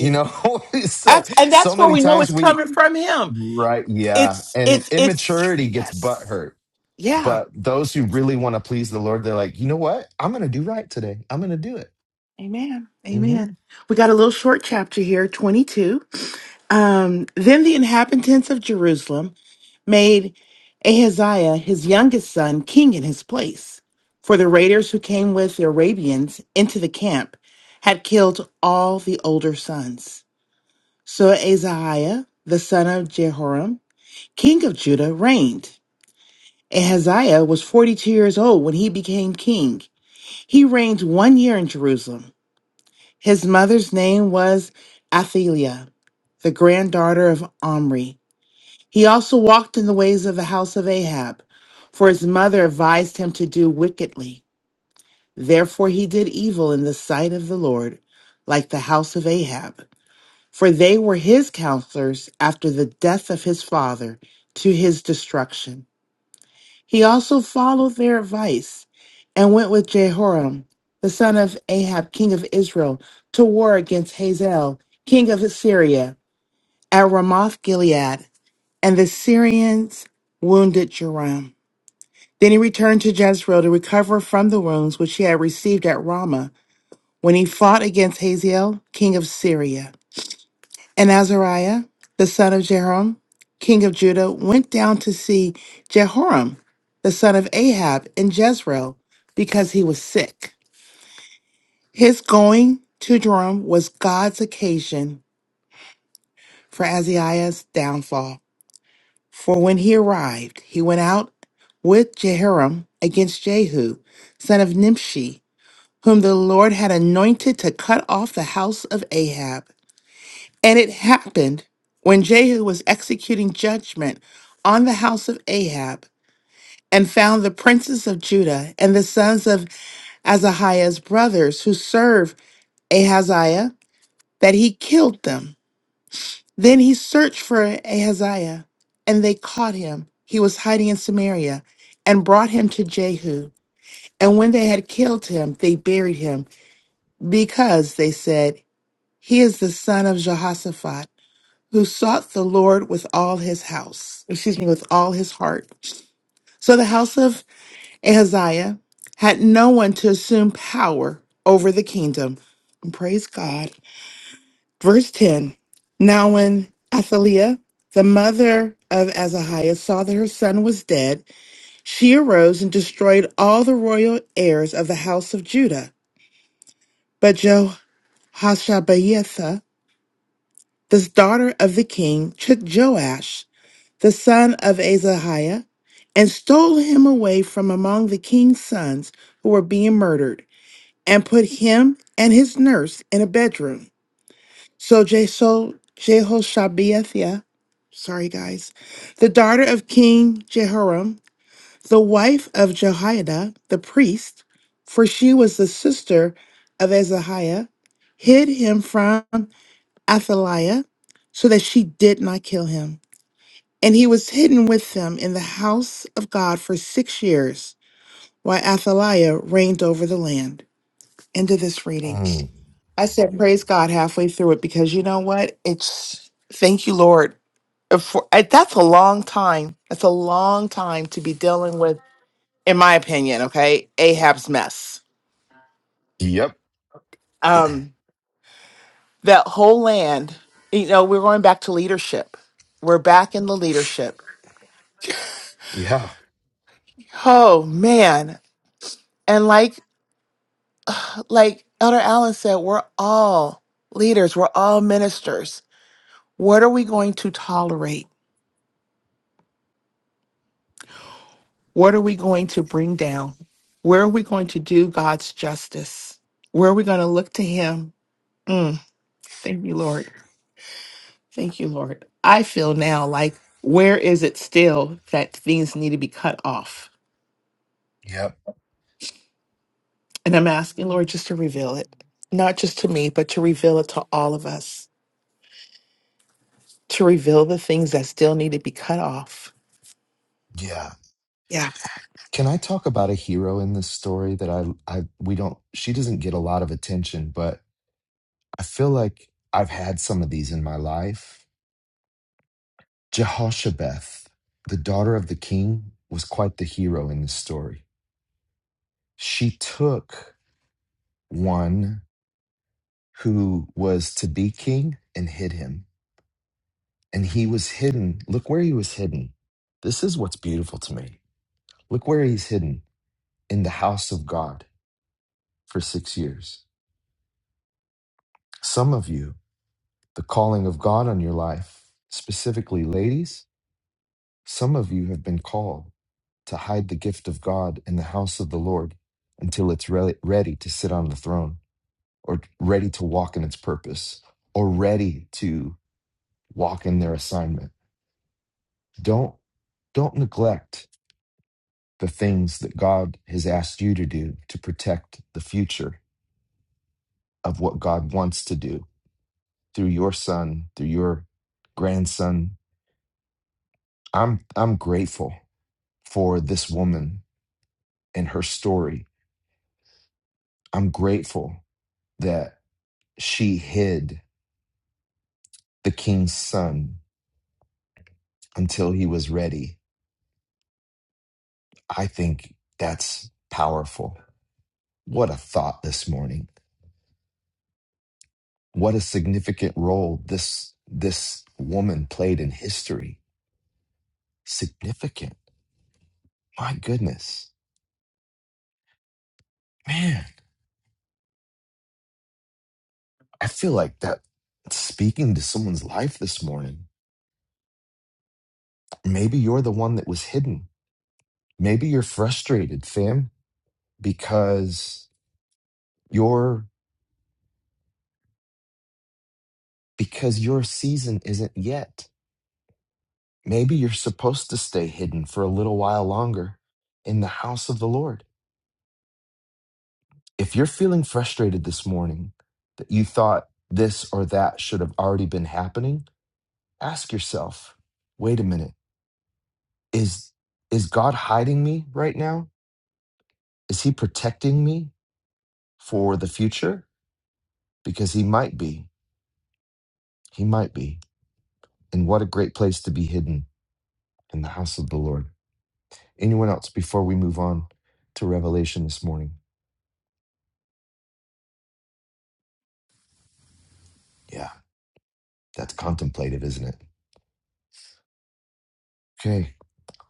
Speaker 1: You know, *laughs* so
Speaker 8: That's, and
Speaker 1: so
Speaker 8: that's where
Speaker 1: many
Speaker 8: we know
Speaker 1: times
Speaker 8: it's
Speaker 1: we
Speaker 8: coming from him.
Speaker 1: Right. Yeah.
Speaker 8: It's
Speaker 1: And
Speaker 8: it's it's
Speaker 1: immaturity gets butt
Speaker 8: yes.
Speaker 1: hurt.
Speaker 8: Yeah.
Speaker 1: But those who really want to please the Lord, they're like, you know what? I'm going to do right today. I'm going to do it.
Speaker 8: Amen.
Speaker 1: hmm
Speaker 8: Amen. We got a little short chapter here, 22. Um, then the inhabitants of Jerusalem made Ahaziah, his youngest son, king in his place. For the raiders who came with the Arabians into the camp had killed all the older sons. So Ahaziah, the son of Jehoram, king of Judah, reigned. Ahaziah was 42 years old when he became king. He reigned one year in Jerusalem. His mother's name was Athaliah, the granddaughter of Omri. He also walked in the ways of the house of Ahab, for his mother advised him to do wickedly. Therefore he did evil in the sight of the Lord, like the house of Ahab, for they were his counselors after the death of his father to his destruction. He also followed their advice and went with Jehoram, the son of Ahab, king of Israel, to war against Hazael, king of Assyria, at Ramoth Gilead, and the Syrians wounded Joram. Then he returned to Jezreel to recover from the wounds which he had received at Ramah when he fought against Hazael, king of Syria. And Azariah, the son of Jehoram, king of Judah, went down to see Jehoram, the son of Ahab, in Jezreel, because he was sick. His going to Jehoram was God's occasion for Azariah's downfall. For when he arrived, he went out with Jehoram against Jehu, son of Nimshi, whom the Lord had anointed to cut off the house of Ahab. And it happened when Jehu was executing judgment on the house of Ahab and found the princes of Judah and the sons of Azahiah's brothers who served Ahaziah, that he killed them. Then he searched for Ahaziah, and they caught him. He was hiding in Samaria and brought him to Jehu. And when they had killed him, they buried him because they said, He is the son of Jehoshaphat who sought the Lord with all his house, excuse me, with all his heart. So the house of Ahaziah had no one to assume power over the kingdom. And praise God. Verse 10 Now, when Athaliah, the mother of Azahiah, saw that her son was dead, she arose and destroyed all the royal heirs of the house of Judah. But Jehoshabeatha, this daughter of the king, took Joash the son of Azahiah, and stole him away from among the king's sons who were being murdered, and put him and his nurse in a bedroom. So Jeso- Jehoshabeathia, sorry guys, the daughter of King Jehoram, the wife of Jehoiada the priest, for she was the sister of Azahiah, hid him from Athaliah so that she did not kill him. And he was hidden with them in the house of God for six years, while Athaliah reigned over the land. End of this reading. I said, Praise God halfway through it because you know what? It's thank you, Lord. uh, For, I- that's a long time. That's a long time to be dealing with, in my opinion, okay? Ahab's mess.
Speaker 1: Yep.
Speaker 8: Um, that whole land, you know, we're going back to leadership. We're back in the leadership.
Speaker 1: Yeah.
Speaker 8: Oh, man. And like like Elder Allen said, we're all leaders, we're all ministers. What are we going to tolerate? What are we going to bring down? Where are we going to do God's justice? Where are we going to look to Him? Mm, thank you, Lord. Thank you, Lord. I feel now like, where is it still that things need to be cut off?
Speaker 1: Yep.
Speaker 8: And I'm asking, Lord, just to reveal it, not just to me, but to reveal it to all of us, to reveal the things that still need to be cut off.
Speaker 1: Yeah.
Speaker 8: Yeah.
Speaker 1: Can I talk about a hero in this story that I, I, we don't, she doesn't get a lot of attention, but I feel like I've had some of these in my life. Jehoshabeth, the daughter of the king, was quite the hero in this story. She took one who was to be king and hid him. And he was hidden. Look where he was hidden. This is what's beautiful to me. Look where he's hidden in the house of God for six years. Some of you, the calling of God on your life, specifically ladies, some of you have been called to hide the gift of God in the house of the Lord until it's re- ready to sit on the throne or ready to walk in its purpose or ready to walk in their assignment Don't don't neglect the things that God has asked you to do to protect the future of what God wants to do through your son, through your grandson. I'm I'm grateful for this woman and her story. I'm grateful that she hid the king's son until he was ready. I think that's powerful. What a thought this morning. What a significant role this this woman played in history. Significant. My goodness. Man, I feel like that speaking to someone's life this morning. Maybe you're the one that was hidden. Maybe you're frustrated, fam, because your because your season isn't yet. Maybe you're supposed to stay hidden for a little while longer in the house of the Lord. if you're feeling frustrated this morning that you thought this or that should have already been happening, ask yourself, wait a minute, is is God hiding me right now? Is he protecting me for the future? Because he might be. He might be. And what a great place to be hidden in the house of the Lord. Anyone else before we move on to Revelation this morning? Yeah, that's contemplative, isn't it? Okay,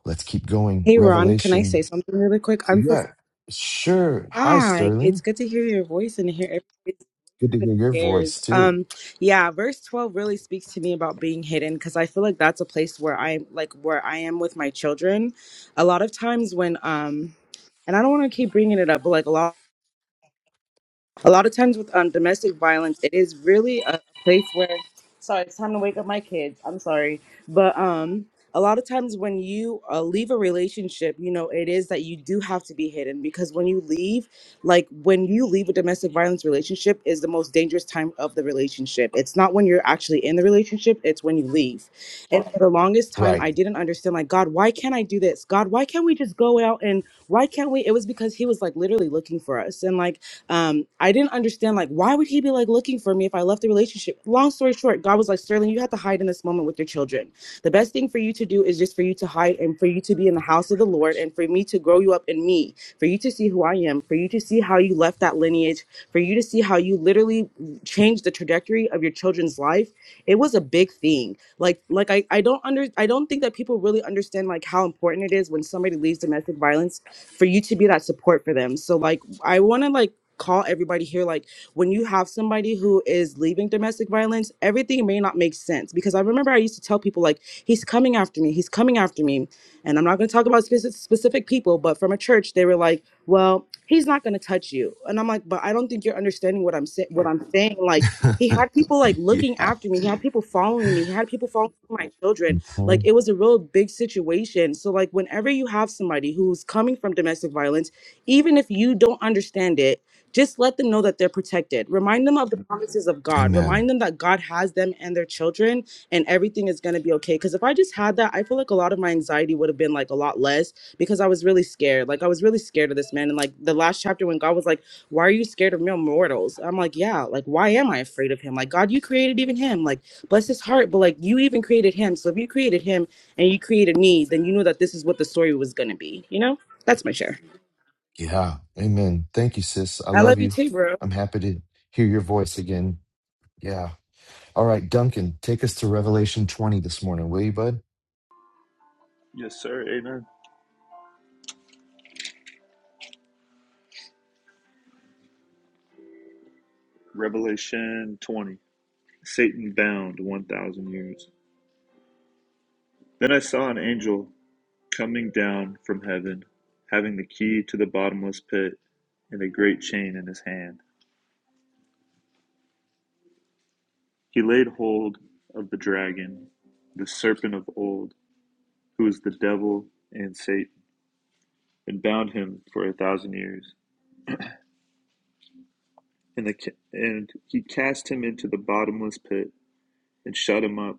Speaker 1: let's keep going.
Speaker 9: Hey Ron, can I say
Speaker 1: Revelation
Speaker 9: something really quick? I'm so
Speaker 1: Yeah, sure. Hi,
Speaker 9: hi. It's
Speaker 1: Sterling.
Speaker 9: good to hear your voice and to hear everybody's
Speaker 1: Good to hear your
Speaker 9: shares.
Speaker 1: voice too.
Speaker 9: Um, yeah, verse twelve really speaks to me about being hidden because I feel like that's a place where I'm like where I am with my children. A lot of times when um, and I don't want to keep bringing it up, but like a lot a lot of times with um, domestic violence, it is really a place where. Sorry, it's time to wake up my kids. I'm sorry, but um, a lot of times when you uh, leave a relationship, you know, it is that you do have to be hidden because when you leave, like when you leave a domestic violence relationship, is the most dangerous time of the relationship. It's not when you're actually in the relationship; it's when you leave. And for the longest time,
Speaker 1: Right.
Speaker 9: I didn't understand. Like, God, why can't I do this? God, why can't we just go out and why can't we? It was because He was like literally looking for us, and like um, I didn't understand like why would he be like looking for me if I left the relationship. Long story short, God was like Sterling, you have to hide in this moment with your children. The best thing for you to do is just for you to hide and for you to be in the house of the Lord and for me to grow you up in me, for you to see who I am, for you to see how you left that lineage, for you to see how you literally changed the trajectory of your children's life. It was a big thing. Like like I I don't under I don't think that people really understand like how important it is when somebody leaves domestic violence for you to be that support for them. So like I want to like call everybody here like when you have somebody who is leaving domestic violence everything may not make sense because i remember i used to tell people like he's coming after me he's coming after me and i'm not going to talk about speci- specific people but from a church they were like well he's not going to touch you and i'm like but i don't think you're understanding what i'm saying what i'm saying like he had people
Speaker 1: *laughs*
Speaker 9: like looking
Speaker 1: yeah.
Speaker 9: after me he had people following me he had people following my children like
Speaker 1: Mhm.
Speaker 9: it was a real big situation so like whenever you have somebody who's coming from domestic violence even if you don't understand it just let them know that they're protected. Remind them of the promises of God.
Speaker 1: Amen.
Speaker 9: Remind them that God has them and their children, and everything is going to be okay. Because if I just had that, I feel like a lot of my anxiety would have been like a lot less because I was really scared. Like, I was really scared of this man. And like the last chapter, when God was like, Why are you scared of mere mortals? I'm like, Yeah, like, why am I afraid of him? Like, God, you created even him. Like, bless his heart, but like, you even created him. So if you created him and you created me, then you knew that this is what the story was going to be, you know? That's my share.
Speaker 1: Yeah. Amen. Thank you, sis. I
Speaker 9: I love
Speaker 1: love
Speaker 9: you
Speaker 1: you.
Speaker 9: too, bro.
Speaker 1: I'm happy to hear your voice again. Yeah. All right, Duncan, take us to Revelation 20 this morning, will you, bud?
Speaker 10: Yes, sir. Amen. Revelation 20. Satan bound 1,000 years. Then I saw an angel coming down from heaven, having the key to the bottomless pit and a great chain in his hand. He laid hold of the dragon, the serpent of old, who is the devil and Satan, and bound him for a thousand years. And, the, and he cast him into the bottomless pit and shut him up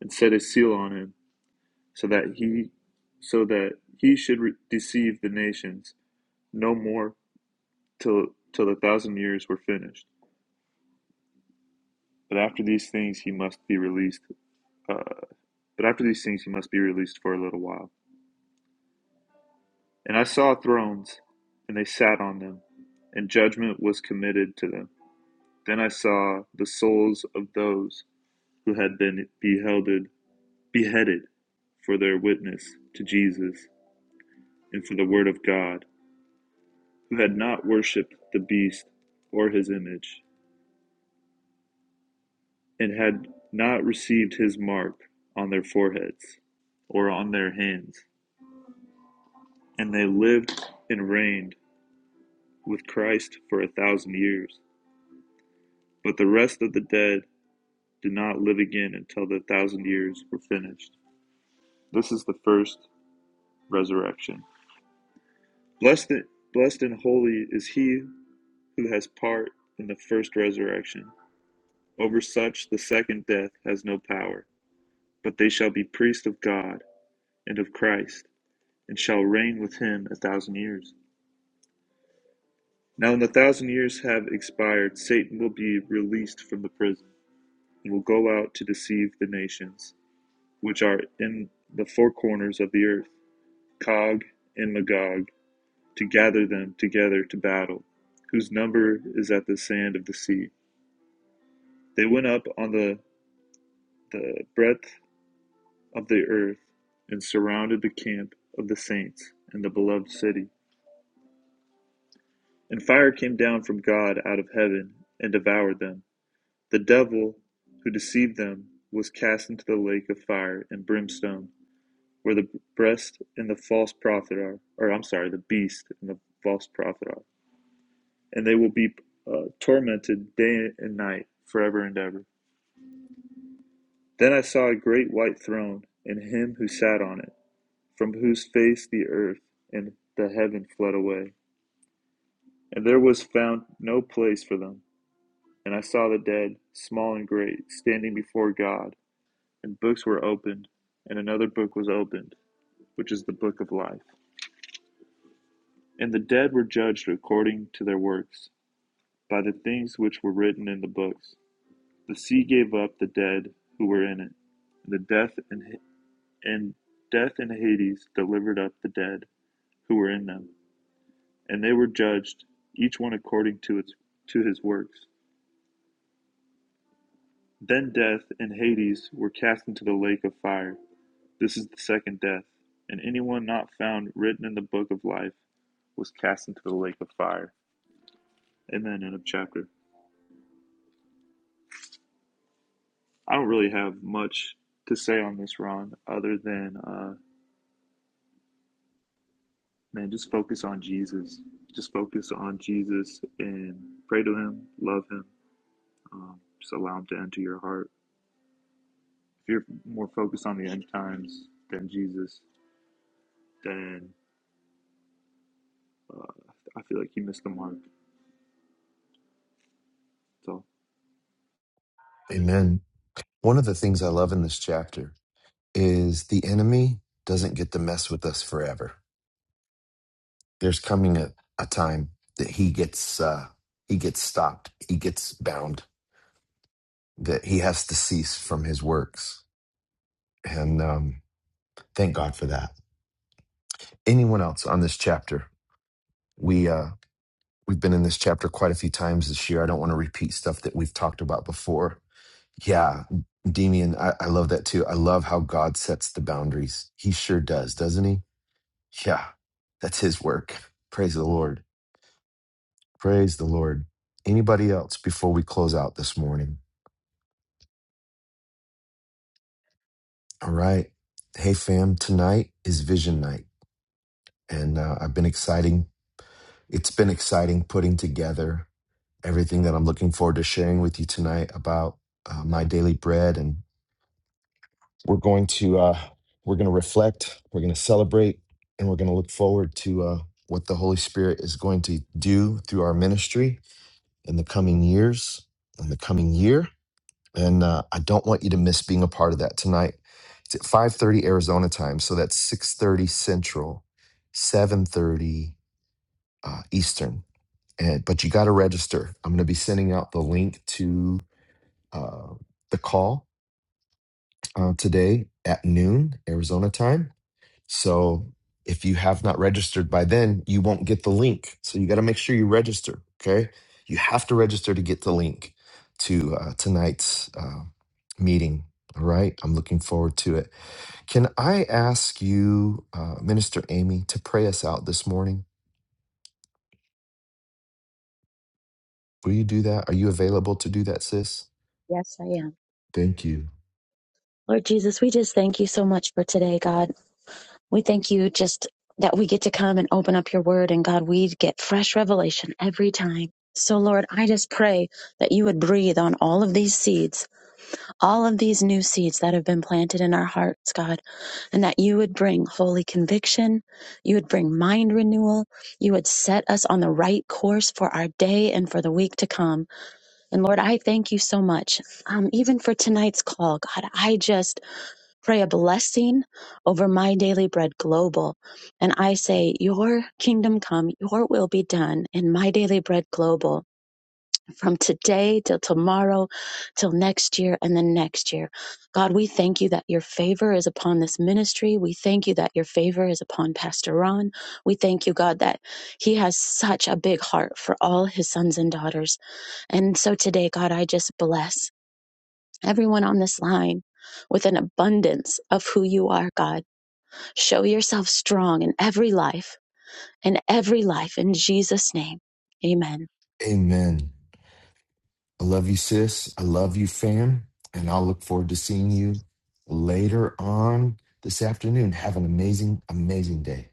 Speaker 10: and set a seal on him so that he so that he should re- deceive the nations no more till till the thousand years were finished but after these things he must be released uh, but after these things he must be released for a little while and i saw thrones and they sat on them and judgment was committed to them then i saw the souls of those who had been beheaded beheaded for their witness to jesus and for the word of god who had not worshipped the beast or his image, and had not received his mark on their foreheads or on their hands. And they lived and reigned with Christ for a thousand years. But the rest of the dead did not live again until the thousand years were finished. This is the first resurrection. Blessed, blessed and holy is he who has part in the first resurrection. Over such, the second death has no power But they shall be priests of God and of Christ, and shall reign with him a thousand years. Now, when the thousand years have expired, Satan will be released from the prison, and will go out to deceive the nations which are in the four corners of the earth, Cog and Magog, to gather them together to battle, whose number is at the sand of the sea. They went up on the, the breadth of the earth and surrounded the camp of the saints and the beloved city And fire came down from God out of heaven and devoured them. The devil who deceived them was cast into the lake of fire and brimstone, where the beast and the false prophet are, or I'm sorry, the beast and the false prophet are. And they will be uh, tormented day and night forever and ever. Then I saw a great white throne and him who sat on it, from whose face the earth and the heaven fled away, and there was found no place for them. And I saw the dead, small and great, standing before God, and books were opened, and another book was opened, which is the book of life. And the dead were judged according to their works, by the things which were written in the books. The sea gave up the dead who were in it, and the death and, and death and Hades delivered up the dead who were in them, and they were judged, each one according to its to his works. Then death and Hades were cast into the lake of fire. This is the second death, and anyone not found written in the book of life was cast into the lake of fire. And then end of chapter. I don't really have much to say on this, Ron, other than uh, man, just focus on Jesus. Just focus on Jesus and pray to Him, love Him. Um, just allow Him to enter your heart. If you're more focused on the end times than Jesus, then I feel like you missed the mark. That's all.
Speaker 1: Amen. One of the things I love in this chapter is the enemy doesn't get to mess with us forever. There's coming a, a time that he gets uh he gets stopped. He gets bound that he has to cease from his works. And um, thank God for that. Anyone else on this chapter? We uh, we've been in this chapter quite a few times this year. I don't want to repeat stuff that we've talked about before. Yeah, Demian, I, I love that too. I love how God sets the boundaries. He sure does, doesn't he? Yeah, that's his work. Praise the Lord. Praise the Lord. Anybody else before we close out this morning? All right. Hey, fam, tonight is vision night. And uh, I've been exciting It's been exciting putting together everything that I'm looking forward to sharing with you tonight about uh, my daily bread. And we're going to uh, we're going to reflect, we're going to celebrate, and we're going to look forward to uh, what the Holy Spirit is going to do through our ministry in the coming years, in the coming year. And uh, I don't want you to miss being a part of that tonight. It's at 5:30 Arizona time, so that's 6:30 Central, 7:30 uh, Eastern. and but you got to register. I'm going to be sending out the link to uh, the call uh, today at noon Arizona time. So if you have not registered by then, you won't get the link. So you got to make sure you register. Okay, you have to register to get the link to uh, tonight's uh, meeting. All right, I'm looking forward to it. Can I ask you, uh, Minister Amy, to pray us out this morning? Will you do that? Are you available to do that, sis?
Speaker 2: Yes, I am.
Speaker 1: Thank you.
Speaker 2: Lord Jesus, we just thank you so much for today, God. We thank you just that we get to come and open up your word and God, we get fresh revelation every time. So Lord, I just pray that you would breathe on all of these seeds all of these new seeds that have been planted in our hearts, God, and that you would bring holy conviction. You would bring mind renewal. You would set us on the right course for our day and for the week to come. And Lord, I thank you so much. Um, even for tonight's call, God, I just pray a blessing over my daily bread global. And I say, Your kingdom come, your will be done in my daily bread global from today till tomorrow, till next year and the next year. God, we thank you that your favor is upon this ministry. We thank you that your favor is upon Pastor Ron. We thank you, God, that he has such a big heart for all his sons and daughters. And so today, God, I just bless everyone on this line. With an abundance of who you are, God. Show yourself strong in every life, in every life, in Jesus' name. Amen.
Speaker 1: Amen. I love you, sis. I love you, fam. And I'll look forward to seeing you later on this afternoon. Have an amazing, amazing day.